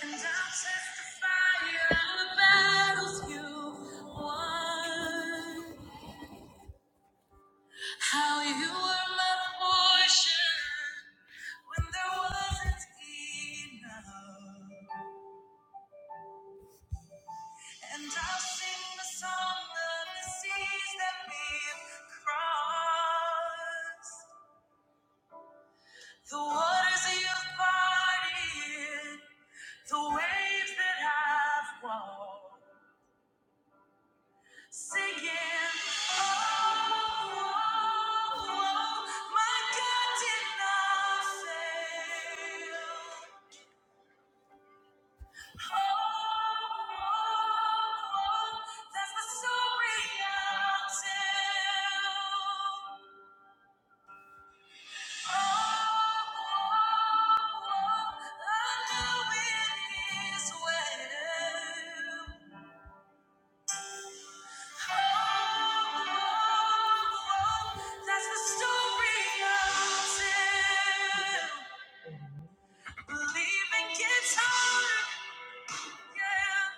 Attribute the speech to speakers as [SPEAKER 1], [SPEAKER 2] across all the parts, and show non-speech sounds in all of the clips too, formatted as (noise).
[SPEAKER 1] And I'll testify of the battles you won. How you were my portion when there wasn't enough. And I'll sing the song of the seas that we've crossed. The waters you've parted, the waves that I've walked. Singing, oh, oh, oh, my God did not fail. Oh, oh, oh, that's the story I'll tell. Oh, oh, oh, I know it is well. yeah.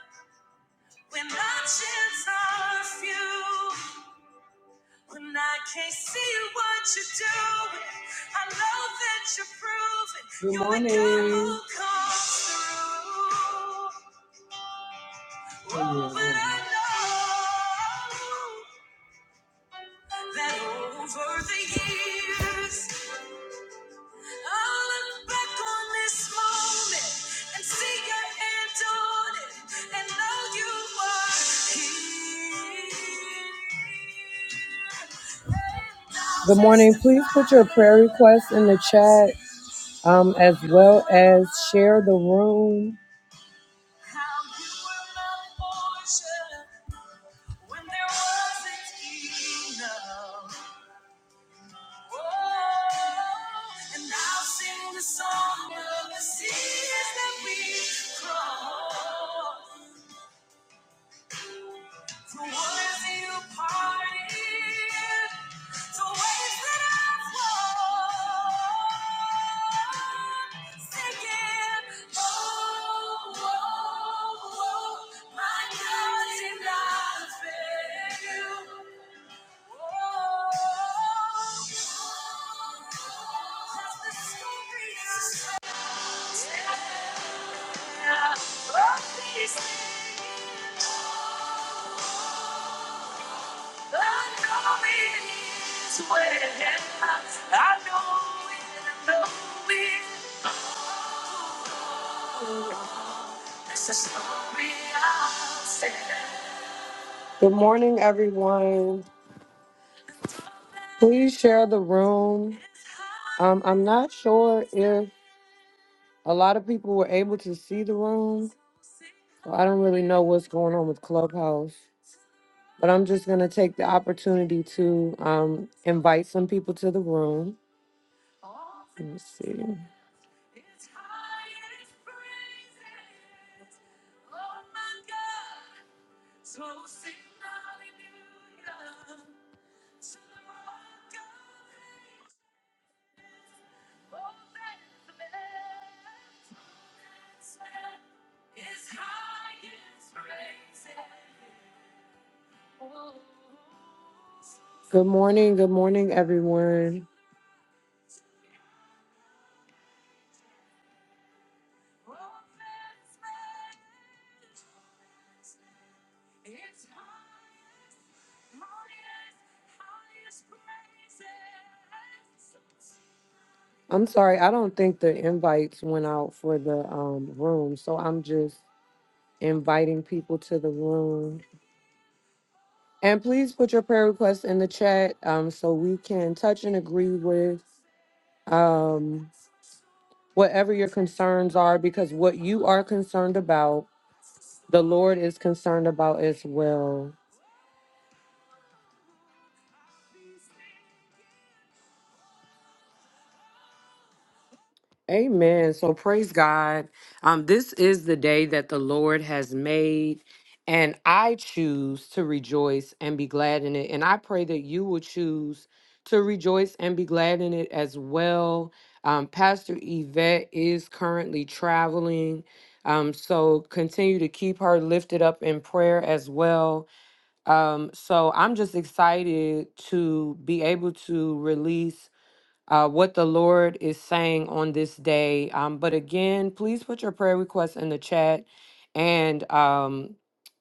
[SPEAKER 1] Good morning. Oh, yeah, but yeah. I know that over the years. I'll look back on this moment and see your hand on it and know you are here. Good morning. Please put your prayer requests in the chat um, as well as share the room. How you were my portion when there wasn't enough. Oh, And I'll sing the song of the seas that we crossed. The waters you parted, the waves that I've walked. Singing, oh, oh, oh, my God, did I fail? Good morning, everyone. Please share the room. Um, I'm not sure if A lot of people were able to see the room. So I don't really know what's going on with Clubhouse, but I'm just going to take the opportunity to um, invite some people to the room. Let me see. Oh, that's left. That's highest praise. Oh, Good morning. Good morning, everyone. oh, that's left. It's highest, highest, highest praise. I'm sorry, I don't think the invites went out for the um room, so I'm just inviting people to the room. And please put your prayer requests in the chat um so we can touch and agree with um whatever your concerns are because what you are concerned about, the Lord is concerned about as well. Amen. So praise God. Um, this is the day that the Lord has made, and I choose to rejoice and be glad in it. And I pray that you will choose to rejoice and be glad in it as well. Um, Pastor Yvette is currently traveling. Um, so continue to keep her lifted up in prayer as well. Um, so I'm just excited to be able to release uh, what the Lord is saying on this day. Um, but again, please put your prayer requests in the chat and um,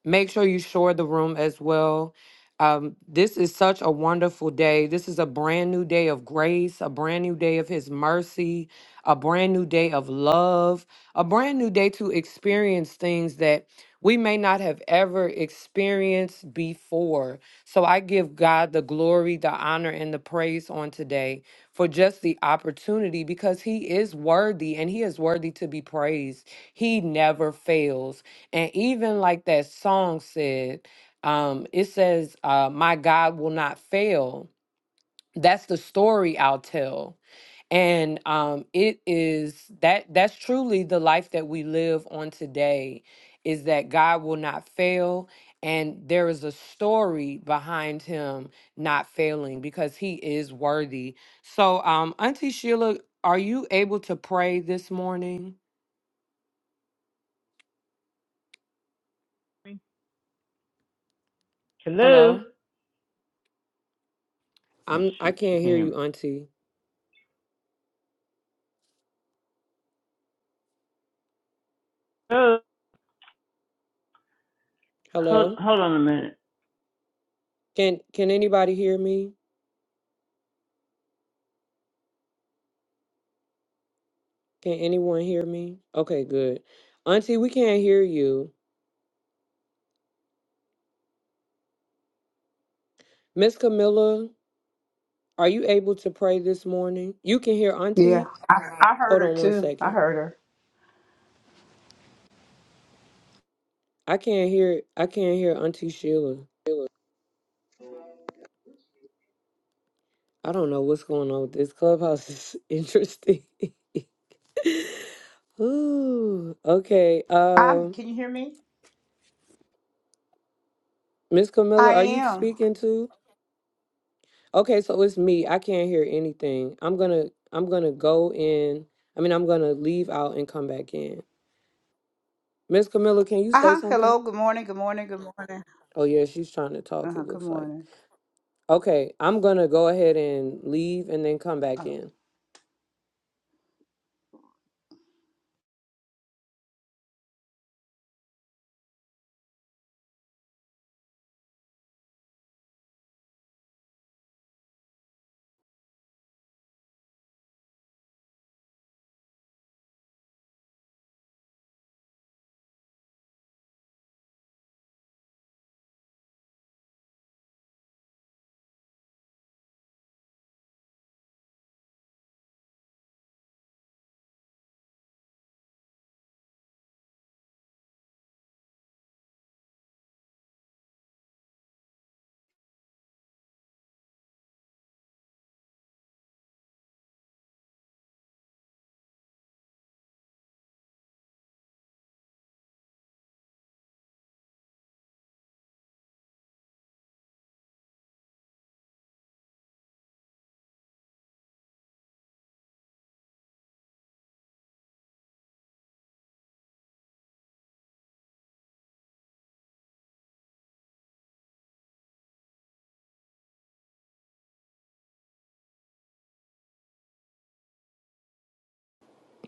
[SPEAKER 1] make sure you share the room as well. Um, this is such a wonderful day. This is a brand new day of grace, a brand new day of His mercy, a brand new day of love, a brand new day to experience things that we may not have ever experienced before. So I give God the glory, the honor, and the praise on today for just the opportunity because he is worthy and he is worthy to be praised. He never fails. And even like that song said, um, it says, uh, My God will not fail. That's the story I'll tell and um it is that that's truly the life that we live on today is that god will not fail and there is a story behind him not failing because he is worthy so um auntie sheila are you able to pray this morning
[SPEAKER 2] Hello.
[SPEAKER 1] hello
[SPEAKER 2] Oh
[SPEAKER 1] i'm i
[SPEAKER 2] shoot, she
[SPEAKER 1] can't
[SPEAKER 2] can't
[SPEAKER 1] hear
[SPEAKER 2] hear
[SPEAKER 1] you
[SPEAKER 2] me.
[SPEAKER 1] auntie
[SPEAKER 2] Oh, hold,
[SPEAKER 1] hello
[SPEAKER 2] hold on a minute.
[SPEAKER 1] can can anybody hear me can anyone hear me okay good auntie we can't hear you miss camilla Are you able to pray this morning? You can hear
[SPEAKER 3] Yeah,
[SPEAKER 1] Auntie.
[SPEAKER 3] I, I heard
[SPEAKER 1] Hold
[SPEAKER 3] her
[SPEAKER 1] on one
[SPEAKER 3] too. I
[SPEAKER 1] second.
[SPEAKER 3] heard her.
[SPEAKER 1] I can't hear I can't hear Auntie Sheila. I don't know what's going on with this clubhouse. is (laughs) interesting. (laughs) Ooh. Okay.
[SPEAKER 3] I'm.
[SPEAKER 1] Um,
[SPEAKER 3] Can you hear me?
[SPEAKER 1] Miss Camilla,
[SPEAKER 3] I
[SPEAKER 1] are you
[SPEAKER 3] am.
[SPEAKER 1] speaking too? Okay, so it's me. I can't hear anything. I'm gonna I'm gonna go in. I mean, I'm gonna leave out and come back in. Miss Camilla, can you
[SPEAKER 3] Uh
[SPEAKER 1] say
[SPEAKER 3] huh.
[SPEAKER 1] something?
[SPEAKER 3] Hello. Good morning. Good morning. Good morning.
[SPEAKER 1] Oh yeah, she's trying to talk,
[SPEAKER 3] Uh huh.
[SPEAKER 1] it
[SPEAKER 3] Good
[SPEAKER 1] looks like.
[SPEAKER 3] morning.
[SPEAKER 1] Okay, I'm gonna go ahead and leave and then come back
[SPEAKER 3] Oh.
[SPEAKER 1] in.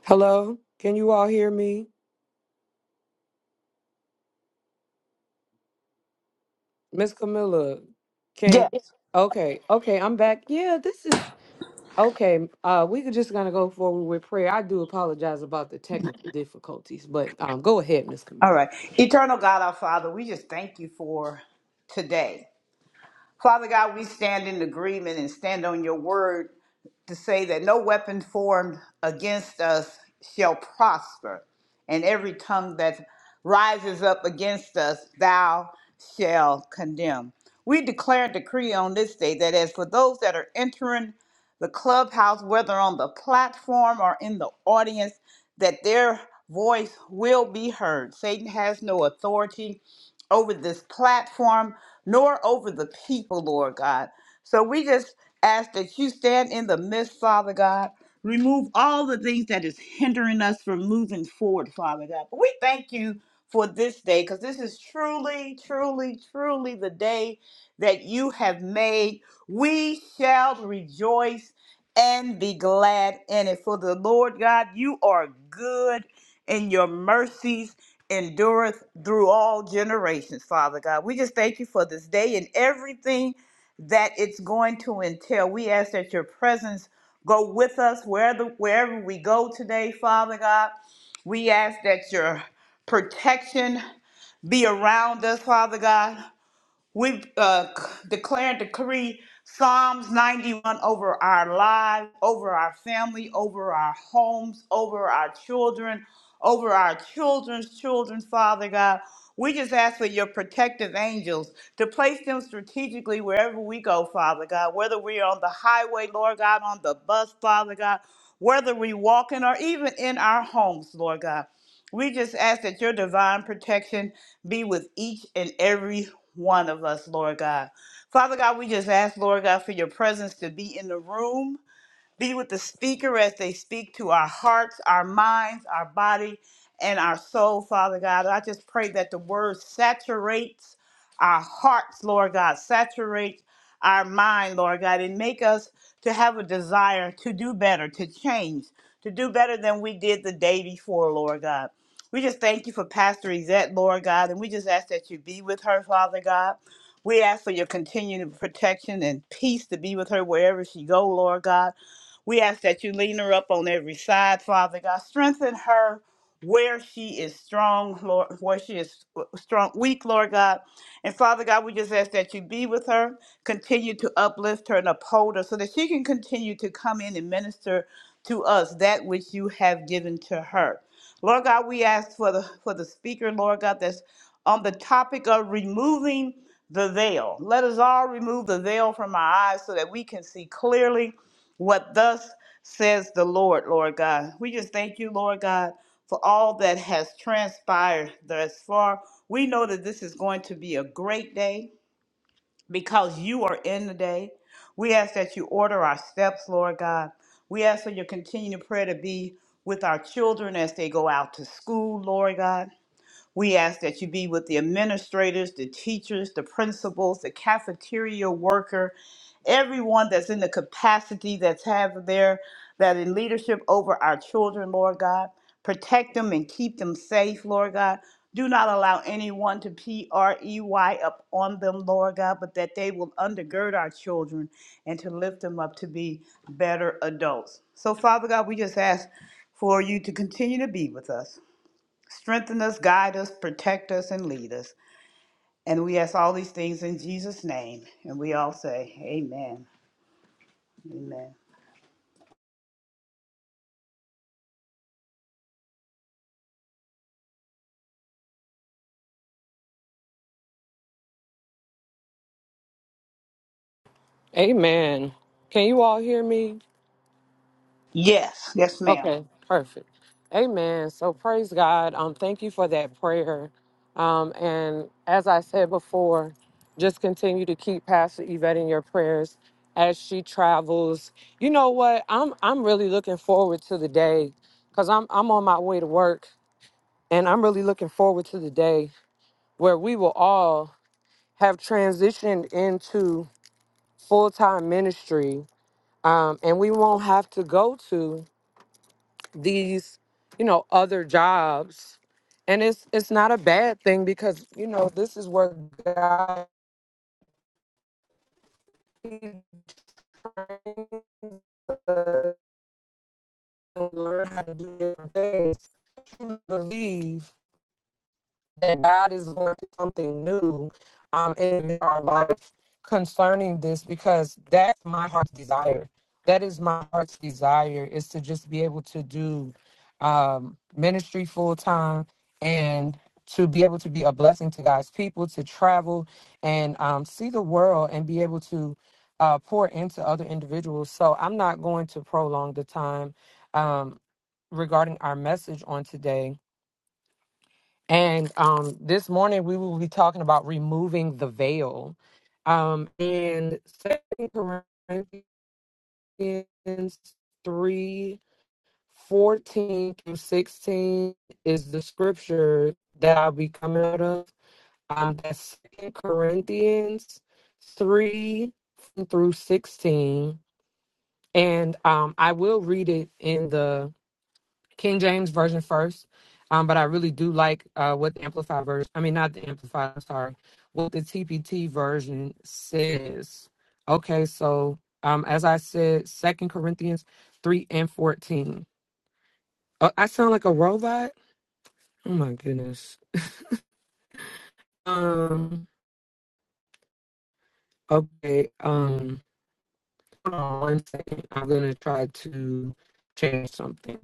[SPEAKER 1] Hello, can you all hear me? Miss Camilla, can,
[SPEAKER 3] Yes.
[SPEAKER 1] Yeah. okay, okay, I'm back. Yeah, this is Okay, uh, we could just gonna go forward with prayer. I do apologize about the technical difficulties, but um, go ahead, Miss
[SPEAKER 3] All
[SPEAKER 1] Camilla.
[SPEAKER 3] right. Eternal God, our Father, we just thank you for today. Father God, we stand in agreement and stand on your word to say that no weapon formed against us shall prosper, and every tongue that rises up against us, thou shall condemn. We declare and decree on this day that as for those that are entering the clubhouse, whether on the platform or in the audience, that their voice will be heard. Satan has no authority over this platform nor over the people, Lord God. So we just ask that you stand in the midst, Father God. Remove all the things that is hindering us from moving forward, Father God. But we thank you for this day because this is truly, truly, truly the day that you have made. We shall rejoice and be glad in it. For the Lord God, you are good and your mercies endureth through all generations, Father God. We just thank you for this day and everything that it's going to entail. We ask that your presence go with us wherever, wherever we go today, Father God. We ask that your protection be around us, Father God. We uh, c- declare decree Psalms 91 over our lives, over our family, over our homes, over our children, over our children's children, Father God. We just ask for your protective angels to place them strategically wherever we go, Father God, whether we're on the highway, Lord God, on the bus, Father God, whether we walking or even in our homes, Lord God. We just ask that your divine protection be with each and every one of us, Lord God. Father God, we just ask, Lord God, for your presence to be in the room. Be with the speaker as they speak to our hearts, our minds, our body, and our soul, Father God. I just pray that the word saturates our hearts, Lord God, saturates our mind, Lord God, and make us to have a desire to do better, to change, to do better than we did the day before, Lord God. We just thank you for Pastor Yvette, Lord God, and we just ask that you be with her, Father God. We ask for your continued protection and peace to be with her wherever she go, Lord God. We ask that you lean her up on every side, Father God. Strengthen her where she is strong, Lord, where she is uh, strong, weak, Lord God. And Father God, we just ask that you be with her, continue to uplift her and uphold her so that she can continue to come in and minister to us that which you have given to her. Lord God, we ask for the for the speaker, Lord God, that's on the topic of removing the veil. Let us all remove the veil from our eyes so that we can see clearly what thus says the Lord, Lord God. We just thank you, Lord God, for all that has transpired thus far. We know that this is going to be a great day because you are in the day. We ask that you order our steps, Lord God. We ask for your continued prayer to be with our children as they go out to school, Lord God. We ask that you be with the administrators, the teachers, the principals, the cafeteria worker, everyone that's in the capacity that's have their that in leadership over our children, Lord God. Protect them and keep them safe, Lord God. Do not allow anyone to P R E Y up on them, Lord God, but that they will undergird our children and to lift them up to be better adults. So, Father God, we just ask for you to continue to be with us. Strengthen us, guide us, protect us, and lead us. And we ask all these things in Jesus' name. And we all say, Amen. Amen.
[SPEAKER 1] Amen. Can you all hear me?
[SPEAKER 3] Yes, yes, ma'am.
[SPEAKER 1] Okay, perfect. Amen. So praise God. Um, thank you for that prayer. Um, and as I said before, just continue to keep Pastor Yvette in your prayers as she travels. You know what? I'm I'm really looking forward to the day because I'm I'm on my way to work and I'm really looking forward to the day where we will all have transitioned into full-time ministry. Um, and we won't have to go to these you know other jobs and it's it's not a bad thing because you know this is where god He brings us to learn how to do different things. truly believe that God is going to do something new um, in our life concerning this because that's my heart's desire. That is my heart's desire is to just be able to do um, ministry full time and to be able to be a blessing to God's people, to travel and um, see the world and be able to uh, pour into other individuals. So I'm not going to prolong the time um, regarding our message on today and um, this morning we will be talking about removing the veil. Um, and Second Corinthians three fourteen through sixteen is the scripture that I'll be coming out of. Um, that's Second Corinthians three through sixteen, and um, I will read it in the King James version first. Um, but I really do like uh, what the Amplified version, I mean, not the Amplified, I'm sorry, what the TPT version says. Okay, so um, as I said, Second Corinthians 3 and 14. Oh, I sound like a robot? Oh my goodness. Um, okay, um, hold on one second. I'm going to try to change something.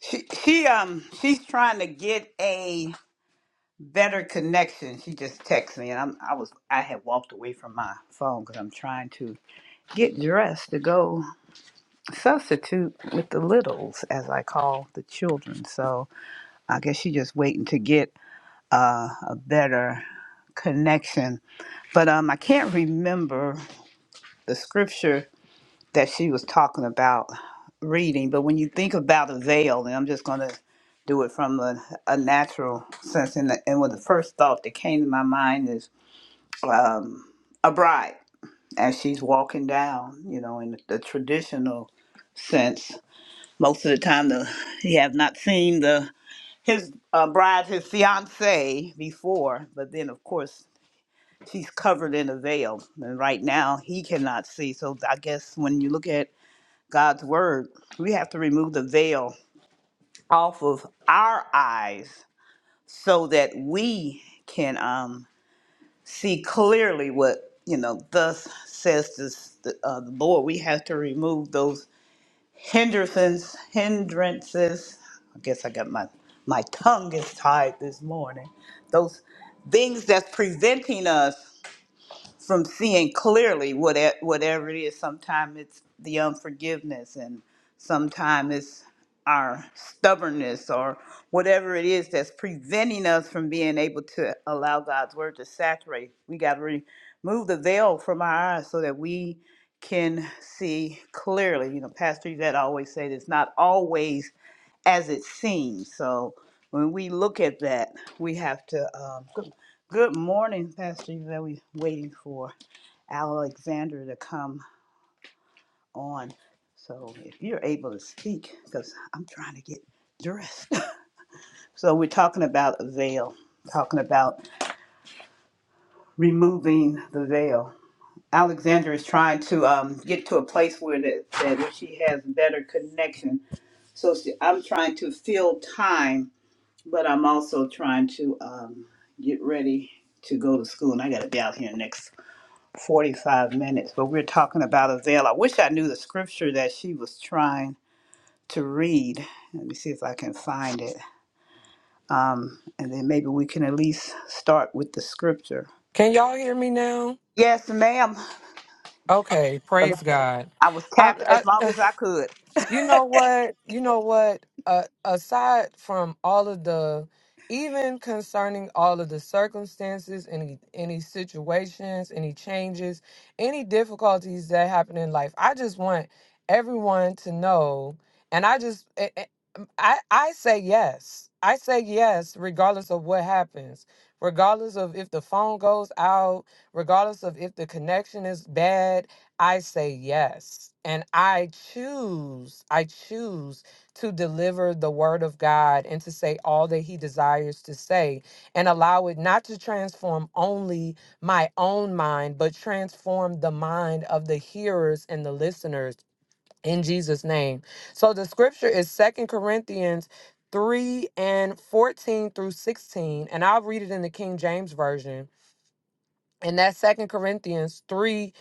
[SPEAKER 3] She, she um she's trying to get a better connection. She just texted me, and I'm I was I had walked away from my phone because I'm trying to get dressed to go substitute with the littles, as I call the children. So I guess she's just waiting to get uh, a better connection But um, I can't remember the scripture that she was talking about reading. But when you think about a veil, and I'm just going to do it from a, a natural sense, and, the, and what the first thought that came to my mind is um, a bride as she's walking down, you know, in the traditional sense. Most of the time, the he have not seen the his uh, bride, his fiance before, but then of course she's covered in a veil and right now he cannot see so i guess when you look at god's word we have to remove the veil off of our eyes so that we can um, see clearly what you know thus says this, the, uh, the lord we have to remove those hindrances hindrances i guess i got my my tongue is tied this morning those things that's preventing us from seeing clearly what it- whatever it is. Sometimes it's the unforgiveness, and sometimes it's our stubbornness or whatever it is that's preventing us from being able to allow God's word to saturate. We got to remove the veil from our eyes so that we can see clearly. You know, Pastor Yvette always said it's not always as it seems. So when we look at that, we have to. Um, good, good morning, Pastor Yvette. We're waiting for Alexander to come on. So if you're able to speak, because I'm trying to get dressed. (laughs) so we're talking about a veil, talking about removing the veil. Alexander is trying to um, get to a place where that, that she has better connection. So she, I'm trying to fill time, but I'm also trying to um, get ready to go to school, and I got to be out here next 45 minutes, but we're talking about a veil. I wish I knew the scripture that she was trying to read. Let me see if I can find it. Um, and then maybe we can at least start with the scripture.
[SPEAKER 1] Can y'all hear me now?
[SPEAKER 3] Yes, ma'am.
[SPEAKER 1] Okay,
[SPEAKER 3] 'Cause I
[SPEAKER 1] praise God.
[SPEAKER 3] I was tapping
[SPEAKER 1] I,
[SPEAKER 3] as long as I could.
[SPEAKER 1] You know what? You know what? Uh, aside from all of the, even concerning all of the circumstances, any any situations, any changes, any difficulties that happen in life, I just want everyone to know, and I just, I I I say yes. I say yes, regardless of what happens, regardless of if the phone goes out, regardless of if the connection is bad, I say yes. And I choose, I choose to deliver the word of God and to say all that he desires to say and allow it not to transform only my own mind, but transform the mind of the hearers and the listeners in Jesus' name. So the scripture is Second Corinthians 3 and 14 through 16. And I'll read it in the King James Version. And that's Second Corinthians 3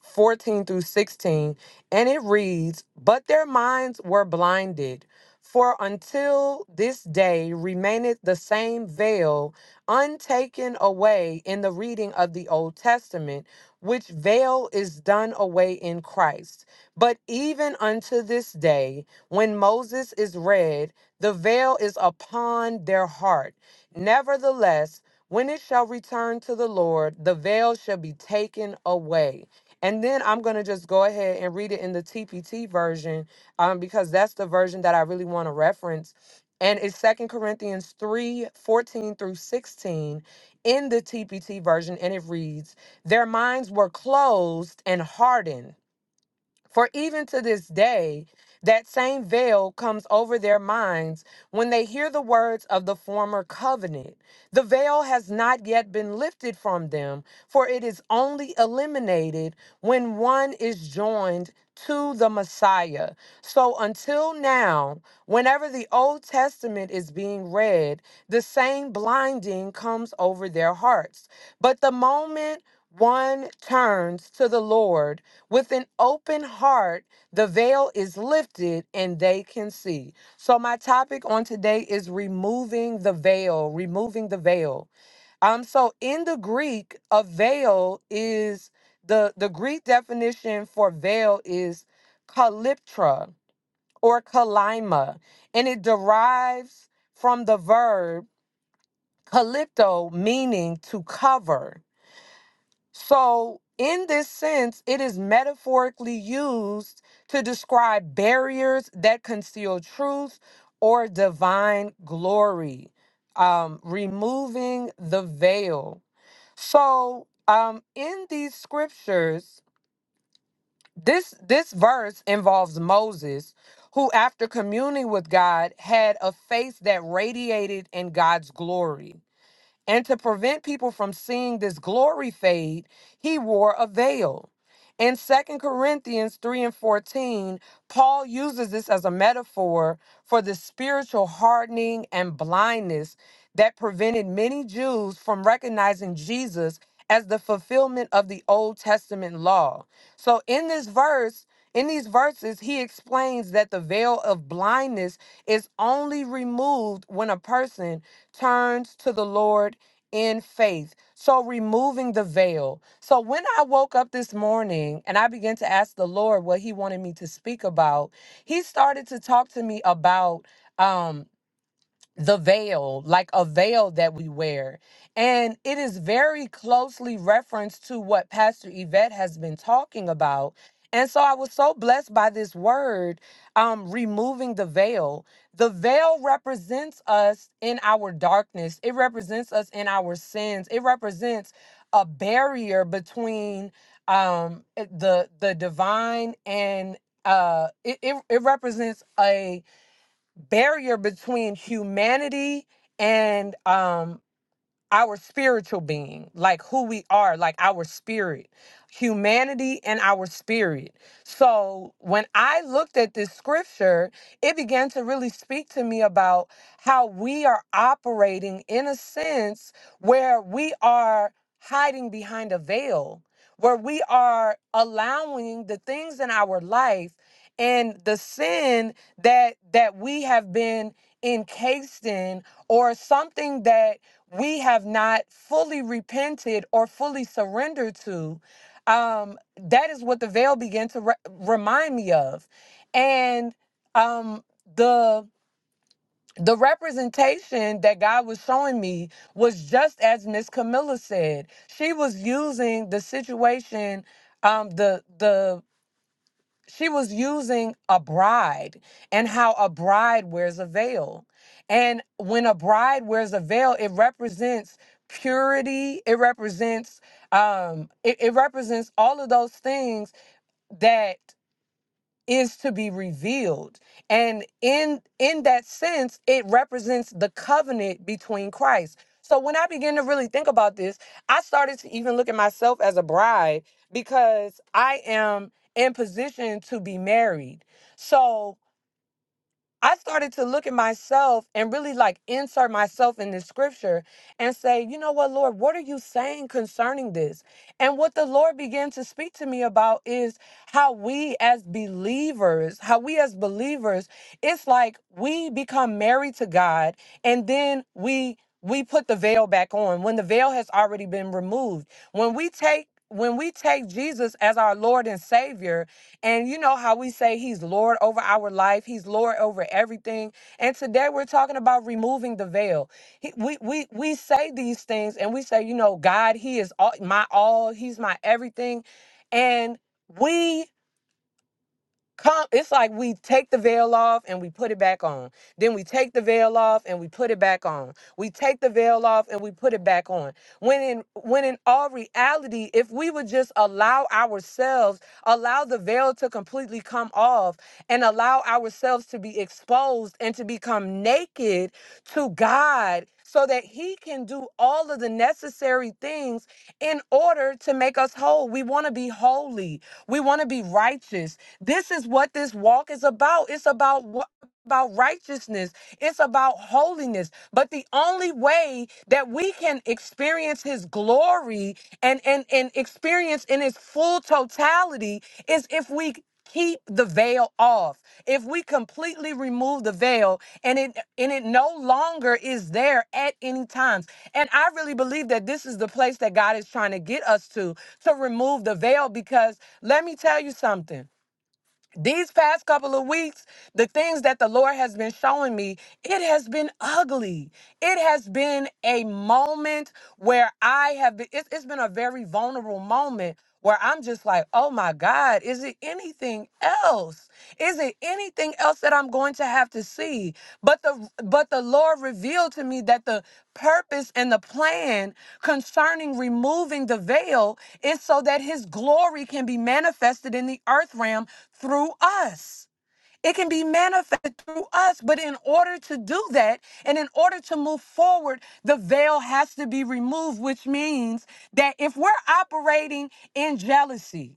[SPEAKER 1] 14 through 16, and it reads, But their minds were blinded, for until this day remaineth the same veil untaken away in the reading of the Old Testament, which veil is done away in Christ. But even unto this day, when Moses is read, the veil is upon their heart. Nevertheless, when it shall return to the Lord, the veil shall be taken away. And then I'm going to just go ahead and read it in the TPT version um, because that's the version that I really want to reference. And it's Second Corinthians 3 14 through 16 in the TPT version. And it reads, Their minds were closed and hardened. For even to this day, that same veil comes over their minds when they hear the words of the former covenant. The veil has not yet been lifted from them, for it is only eliminated when one is joined to the Messiah. So until now, whenever the Old Testament is being read, the same blinding comes over their hearts. But the moment one turns to the Lord, with an open heart, the veil is lifted and they can see. So, my topic on today is removing the veil, removing the veil. Um, so in the Greek, a veil is the, the Greek definition for veil is kalyptra or kalima, and it derives from the verb kalypto, meaning to cover. So, in this sense, it is metaphorically used to describe barriers that conceal truth or divine glory, um, removing the veil. So, um, in these scriptures, this this verse involves Moses, who, after communing with God, had a face that radiated in God's glory. And to prevent people from seeing this glory fade, he wore a veil. In Second Corinthians 3 and 14, Paul uses this as a metaphor for the spiritual hardening and blindness that prevented many Jews from recognizing Jesus as the fulfillment of the Old Testament law. So in this verse, in these verses, he explains that the veil of blindness is only removed when a person turns to the Lord in faith. So, removing the veil. So, when I woke up this morning and I began to ask the Lord what he wanted me to speak about, he started to talk to me about. Um, the veil, like a veil that we wear. And it is very closely referenced to what Pastor Yvette has been talking about. And so I was so blessed by this word, um, removing the veil. The veil represents us in our darkness, it represents us in our sins, it represents a barrier between um, it- the the divine and uh, it, it, it represents a barrier between humanity and um our spiritual being like who we are like our spirit humanity and our spirit so when i looked at this scripture it began to really speak to me about how we are operating in a sense where we are hiding behind a veil where we are allowing the things in our life and the sin that that we have been encased in or something that we have not fully repented or fully surrendered to um that is what the veil began to re- remind me of and um the the representation that God was showing me was just as Miss Camilla said. She was using the situation, um, the the she was using a bride and how a bride wears a veil. And when a bride wears a veil, it represents purity, it represents um it, it represents all of those things that is to be revealed and in in that sense it represents the covenant between christ so when i began to really think about this i started to even look at myself as a bride because i am in position to be married so I started to look at myself and really like insert myself in this scripture and say, you know what, Lord, what are you saying concerning this? And what the Lord began to speak to me about is how we as believers, how we as believers, it's like we become married to God and then we we put the veil back on when the veil has already been removed. When we take when we take Jesus as our Lord and Savior, and you know how we say he's Lord over our life, he's Lord over everything. And today we're talking about removing the veil. He, we, we, we say these things and we say, you know, God, he is all, my all, he's my everything. And we Come, it's like we take the veil off and we put it back on. Then we take the veil off and we put it back on. We take the veil off and we put it back on. When in when in all reality, if we would just allow ourselves, allow the veil to completely come off and allow ourselves to be exposed and to become naked to God so that he can do all of the necessary things in order to make us whole. We want to be holy. We want to be righteous. This is what this walk is about. It's about about righteousness, it's about holiness. But the only way that we can experience his glory and and and experience in his full totality is if we keep the veil off. If we completely remove the veil and it and it no longer is there at any times. And I really believe that this is the place that God is trying to get us to to remove the veil because let me tell you something these past couple of weeks, the things that the Lord has been showing me, it has been ugly. It has been a moment where I have been, it's it's been a very vulnerable moment where I'm just like, oh my God, is it anything else? Is it anything else that I'm going to have to see? But the but the Lord revealed to me that the purpose and the plan concerning removing the veil is so that his glory can be manifested in the earth realm through us. It can be manifested through us, but in order to do that and in order to move forward, the veil has to be removed, which means that if we're operating in jealousy,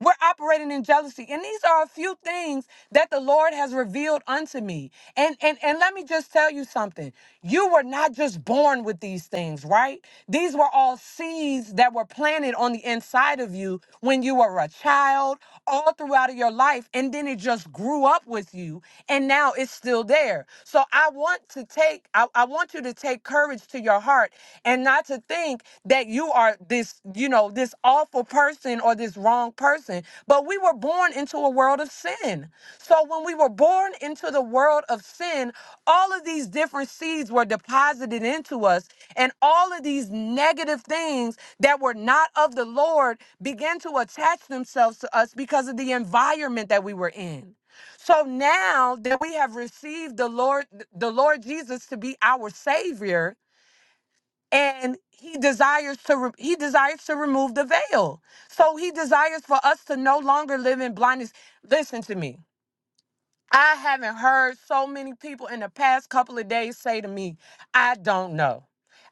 [SPEAKER 1] we're operating in jealousy. And these are a few things that the Lord has revealed unto me. And, and and let me just tell you something. You were not just born with these things, right? These were all seeds that were planted on the inside of you when you were a child, all throughout your life, and then it just grew up with you. And now now it's still there. So I want to take, I, I want you to take courage to your heart and not to think that you are this, you know, this awful person or this wrong person. But we were born into a world of sin. So when we were born into the world of sin, all of these different seeds were deposited into us, and all of these negative things that were not of the Lord began to attach themselves to us because of the environment that we were in. So now that we have received the Lord, the Lord Jesus to be our Savior, and He desires to re- He desires to remove the veil. So He desires for us to no longer live in blindness. Listen to me. I haven't heard so many people in the past couple of days say to me, I don't know.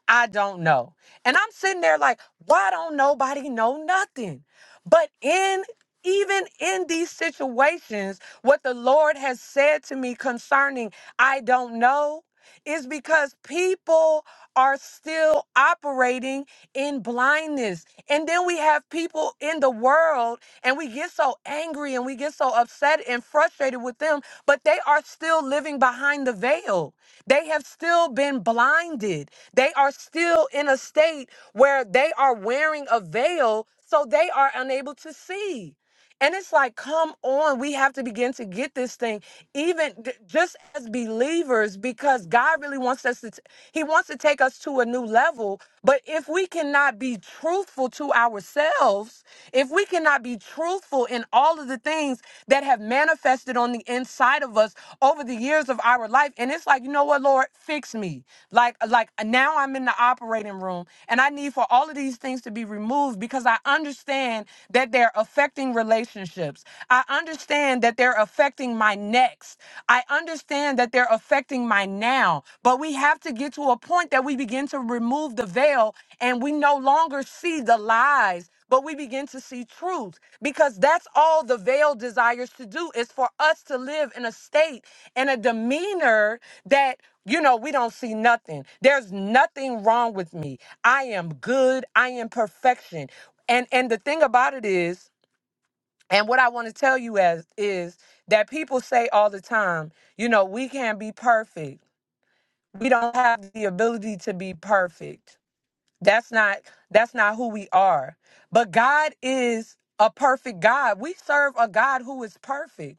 [SPEAKER 1] I don't know. And I'm sitting there like, why don't nobody know nothing? But in even in these situations, what the Lord has said to me concerning I don't know, is because people are still operating in blindness. And then we have people in the world and we get so angry and we get so upset and frustrated with them, but they are still living behind the veil. They have still been blinded. They are still in a state where they are wearing a veil so they are unable to see. And it's like, come on, we have to begin to get this thing, even d- just as believers, because God really wants us to, t- He wants to take us to a new level. But if we cannot be truthful to ourselves, if we cannot be truthful in all of the things that have manifested on the inside of us over the years of our life, and it's like, you know what, Lord, fix me. Like, like uh, now I'm in the operating room and I need for all of these things to be removed because I understand that they're affecting affecting relationships. I understand that they're affecting my next. I understand that they're affecting my now. But we have to get to a point that we begin to remove the veil and we no longer see the lies. But we begin to see truth because that's all the veil desires to do is for us to live in a state and a demeanor that, you know, we don't see nothing. There's nothing wrong with me. I am good. I am perfection. And and the thing about it is and what I want to tell you as is that people say all the time, you know, we can't be perfect. We don't have the ability to be perfect. That's not that's not who we are. But God is a perfect God. We serve a God who is perfect.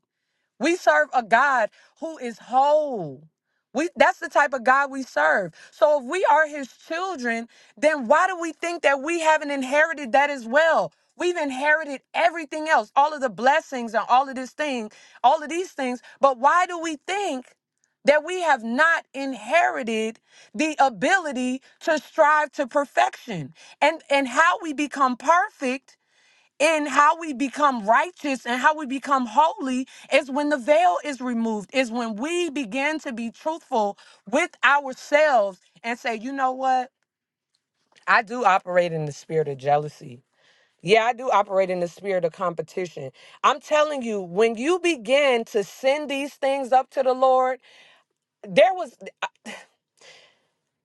[SPEAKER 1] We serve a God who is whole. We, that's the type of God we serve. So if we are his children, then why do we think that we haven't inherited that as well? We've inherited everything else, all of the blessings and all of this thing, all of these things. But why do we think that we have not inherited the ability to strive to perfection? And and how we become perfect and how we become righteous and how we become holy is when the veil is removed, is when we begin to be truthful with ourselves and say, you know what? I do operate in the spirit of jealousy. Yeah, I do operate in the spirit of competition. I'm telling you, when you begin to send these things up to the Lord, there was,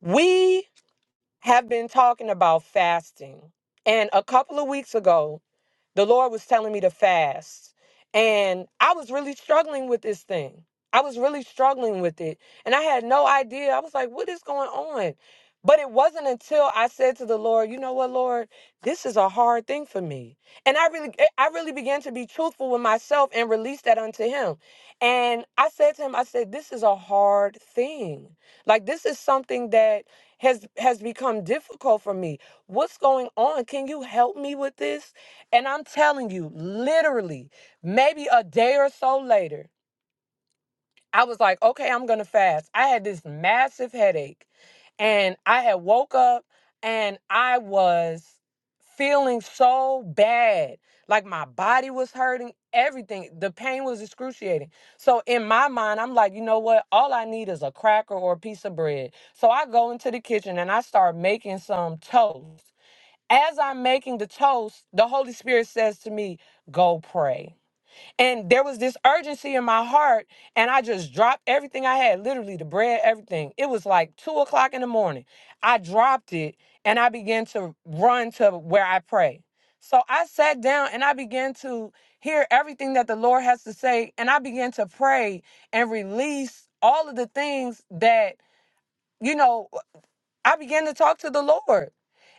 [SPEAKER 1] we have been talking about fasting. And a couple of weeks ago, the Lord was telling me to fast. And I was really struggling with this thing. I was really struggling with it. And I had no idea. I was like, what is going on? But it wasn't until I said to the Lord, you know what, Lord, this is a hard thing for me. And I really eh, I really began to be truthful with myself and release that unto him. And I said to him, I said, this is a hard thing. Like this is something that has has become difficult for me. What's going on? Can you help me with this? And I'm telling you, literally, maybe a day or so later, I was like, okay, I'm going to fast. I had this massive headache and I had woke up and I was feeling so bad. Like my body was hurting, everything. The pain was excruciating. So in my mind, I'm like, you know what? All I need is a cracker or a piece of bread. So I go into the kitchen and I start making some toast as I'm making the toast, the Holy Spirit says to me, Go pray. And there was this urgency in my heart, and I just dropped everything I had literally, the bread, everything. It was like two o'clock in the morning. I dropped it and I began to run to where I pray. So I sat down and I began to hear everything that the Lord has to say, and I began to pray and release all of the things that. You know, I began to talk to the Lord.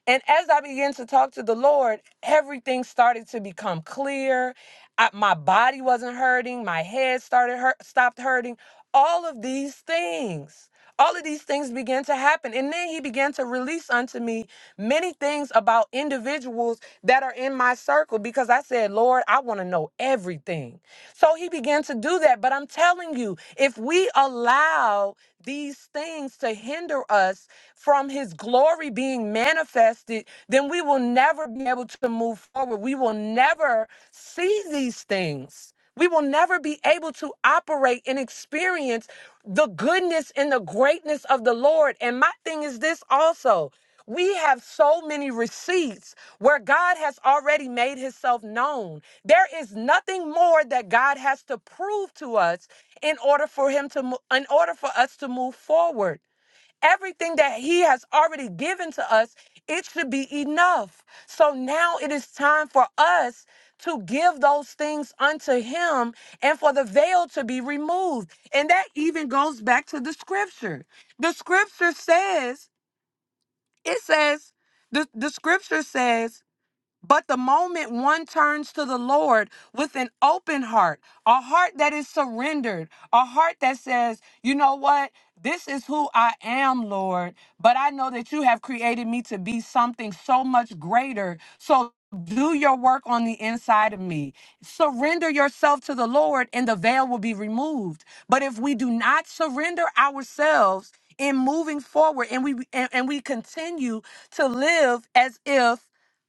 [SPEAKER 1] And as I began to talk to the Lord, everything started to become clear. I- my body wasn't hurting. My head started hurt, stopped hurting. All of these things, all of these things began to happen. And then he began to release unto me many things about individuals that are in my circle because I said, Lord, I want to know everything. So he began to do that. But I'm telling you, if we allow these things to hinder us from his glory being manifested, then we will never be able to move forward. We will never see these things. We will never be able to operate and experience the goodness and the greatness of the Lord. And my thing is this also. We have so many receipts where God has already made himself known. There is nothing more that God has to prove to us in order for him to mo- in order for us to move forward. Everything that he has already given to us, it should be enough. So now it is time for us to give those things unto him and for the veil to be removed. And that even goes back to the scripture. The scripture says it says the the scripture says but the moment one turns to the Lord with an open heart, a heart that is surrendered, a heart that says, you know what? This is who I am, Lord, but I know that you have created me to be something so much greater. So do your work on the inside of me. Surrender yourself to the Lord, and the veil will be removed. But if we do not surrender ourselves in moving forward and we and, and we continue to live as if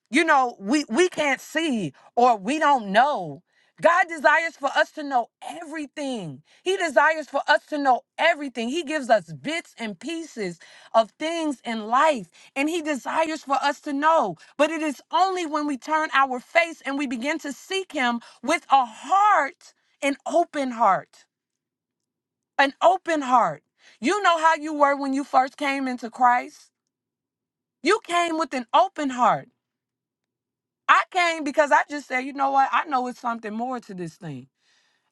[SPEAKER 1] you know we we can't see or we don't know god desires for us to know everything he desires for us to know everything he gives us bits and pieces of things in life and he desires for us to know but it is only when we turn our face and we begin to seek him with a heart an open heart an open heart you know how you were when you first came into christ you came with an open heart I came because I just said, you know what? I know it's something more to this thing.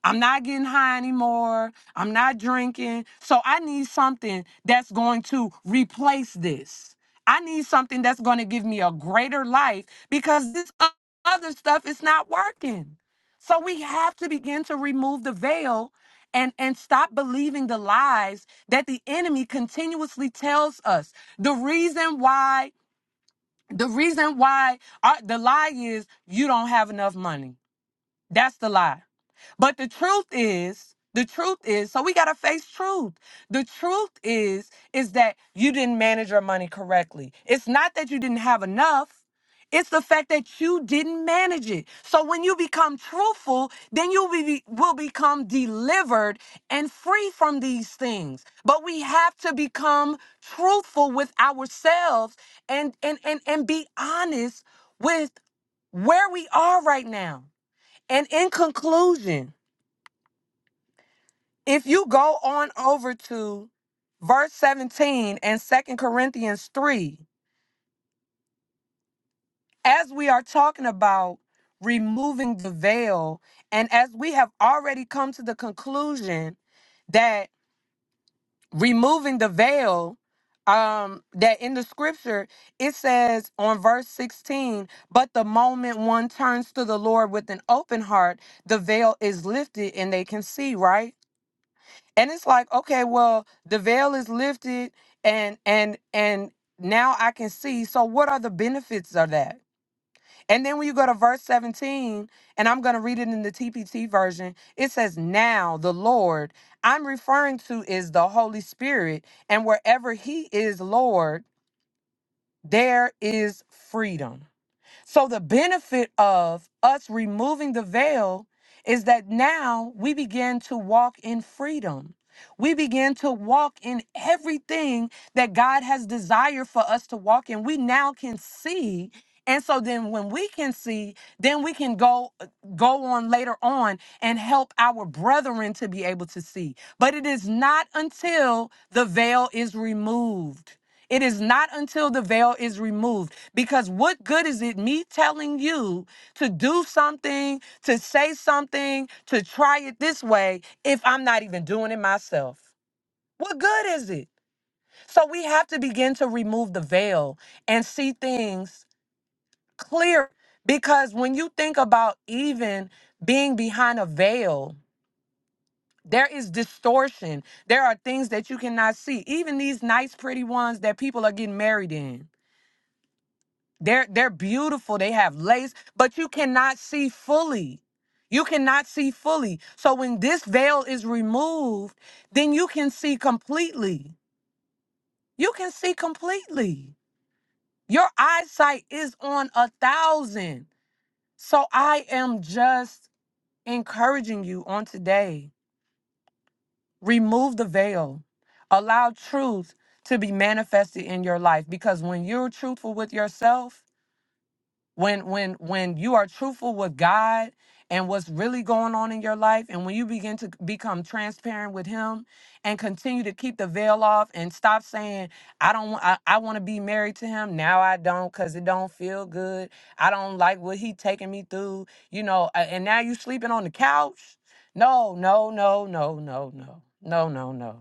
[SPEAKER 1] I'm not getting high anymore. I'm not drinking. So I need something that's going to replace this. I need something that's going to give me a greater life because this o- other stuff is not working. So we have to begin to remove the veil and and stop believing the lies that the enemy continuously tells us. The reason why the reason why uh, the lie is you don't have enough money. That's the lie. But the truth is, the truth is, so we got to face truth. The truth is is that you didn't manage your money correctly. It's not that you didn't have enough. It's the fact that you didn't manage it. So when you become truthful, then you will, be, will become delivered and free from these things. But we have to become truthful with ourselves and and and, and be honest with where we are right now. And in conclusion, if you go on over to verse 17 and Second Corinthians 3, as we are talking about removing the veil, and as we have already come to the conclusion that removing the veil, um, that in the scripture it says on verse 16, but the moment one turns to the Lord with an open heart, the veil is lifted and they can see, right? and it's like okay well the veil is lifted and and and now i can see so what are the benefits of that and then when you go to verse 17 and i'm going to read it in the tpt version it says now the lord i'm referring to is the holy spirit and wherever he is lord there is freedom so the benefit of us removing the veil is that now we begin to walk in freedom. We begin to walk in everything that God has desired for us to walk in. We now can see. And so then when we can see, then we can go uh, go on later on and help our brethren to be able to see. But it is not until the veil is removed. It is not until the veil is removed. Because what good is it me telling you to do something, to say something, to try it this way if I'm not even doing it myself? What good is it? So we have to begin to remove the veil and see things clear. Because when you think about even being behind a veil, there is distortion. There are things that you cannot see. Even these nice, pretty ones that people are getting married in. They're they're beautiful. They have lace, but you cannot see fully. You cannot see fully. So when this veil is removed, then you can see completely. You can see completely. Your eyesight is on a thousand. So I am just encouraging you on today. Remove the veil. Allow truth to be manifested in your life because when you're truthful with yourself, when when when you are truthful with God and what's really going on in your life and when you begin to become transparent with him and continue to keep the veil off and stop saying I don't wa- I, I want to be married to him now I don't cuz it don't feel good I don't like what he taking me through you know a- and now you sleeping on the couch no no no no no no no no no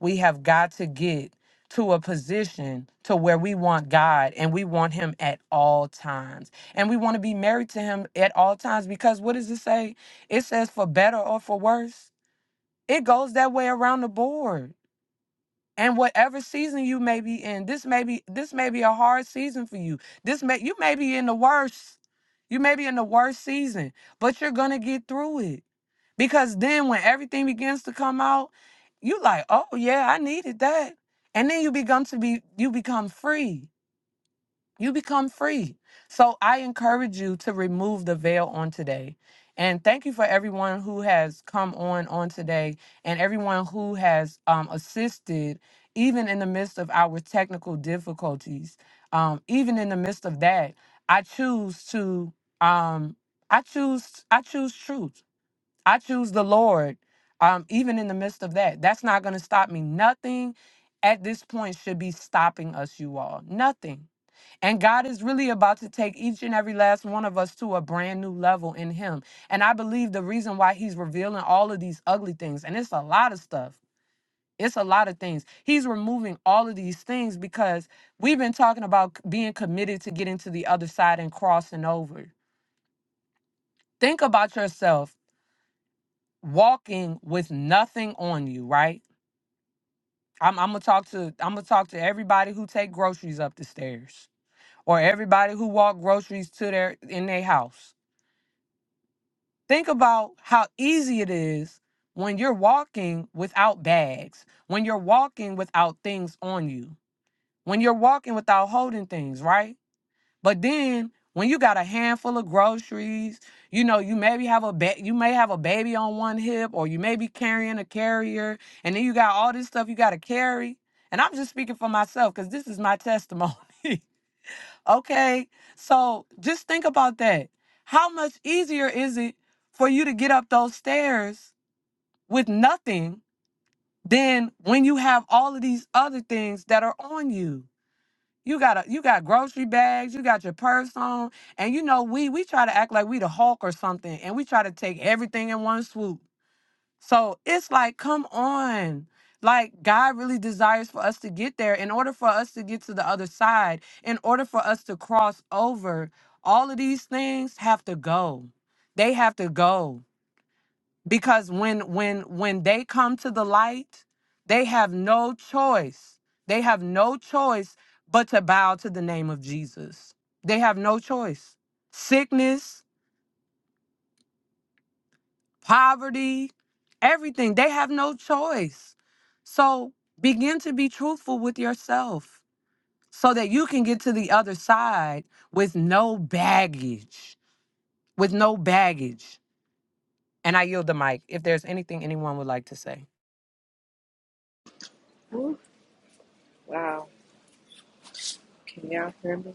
[SPEAKER 1] we have got to get to a position to where we want God and we want him at all times. And we want to be married to him at all times because what does it say? It says for better or for worse. It goes that way around the board. And whatever season you may be in, this may be this may be a hard season for you. This may you may be in the worst. You may be in the worst season, but you're gonna get through it because then when everything begins to come out, you like, oh yeah, I needed that. And then you become to be you become free. You become free. So I encourage you to remove the veil on today. And thank you for everyone who has come on on today and everyone who has um, assisted even in the midst of our technical difficulties. Um, even in the midst of that, I choose to um, I choose I choose truth. I choose the Lord, um, even in the midst of that. That's not going to stop me. Nothing at this point should be stopping us, you all. Nothing. And God is really about to take each and every last one of us to a brand new level in Him. And I believe the reason why He's revealing all of these ugly things, and it's a lot of stuff. It's a lot of things. He's removing all of these things because we've been talking about c- being committed to getting to the other side and crossing over. Think about yourself. walking with nothing on you, right? I'm, I'm gonna talk to I'm gonna talk to everybody who take groceries up the stairs or everybody who walk groceries to their in their house. Think about how easy it is when you're walking without bags, when you're walking without things on you, when you're walking without holding things, right? But then when you got a handful of groceries, you know, you maybe have a ba- you may have a baby on one hip or you may be carrying a carrier and then you got all this stuff you got to carry. And I'm just speaking for myself cuz this is my testimony. (laughs) okay? So just think about that. How much easier is it for you to get up those stairs with nothing than when you have all of these other things that are on you? You got a, you got grocery bags, you got your purse on, and you know we we try to act like we the Hulk or something, and we try to take everything in one swoop. So it's like, come on. Like God really desires for us to get there in order for us to get to the other side, in order for us to cross over, all of these things have to go. They have to go because when when when they come to the light they have no choice they have no choice but to bow to the name of jesus they have no choice sickness poverty everything they have no choice so begin to be truthful with yourself so that you can get to the other side with no baggage with no baggage and i yield the mic if there's anything anyone would like to say
[SPEAKER 4] Ooh, wow. Can y'all hear me?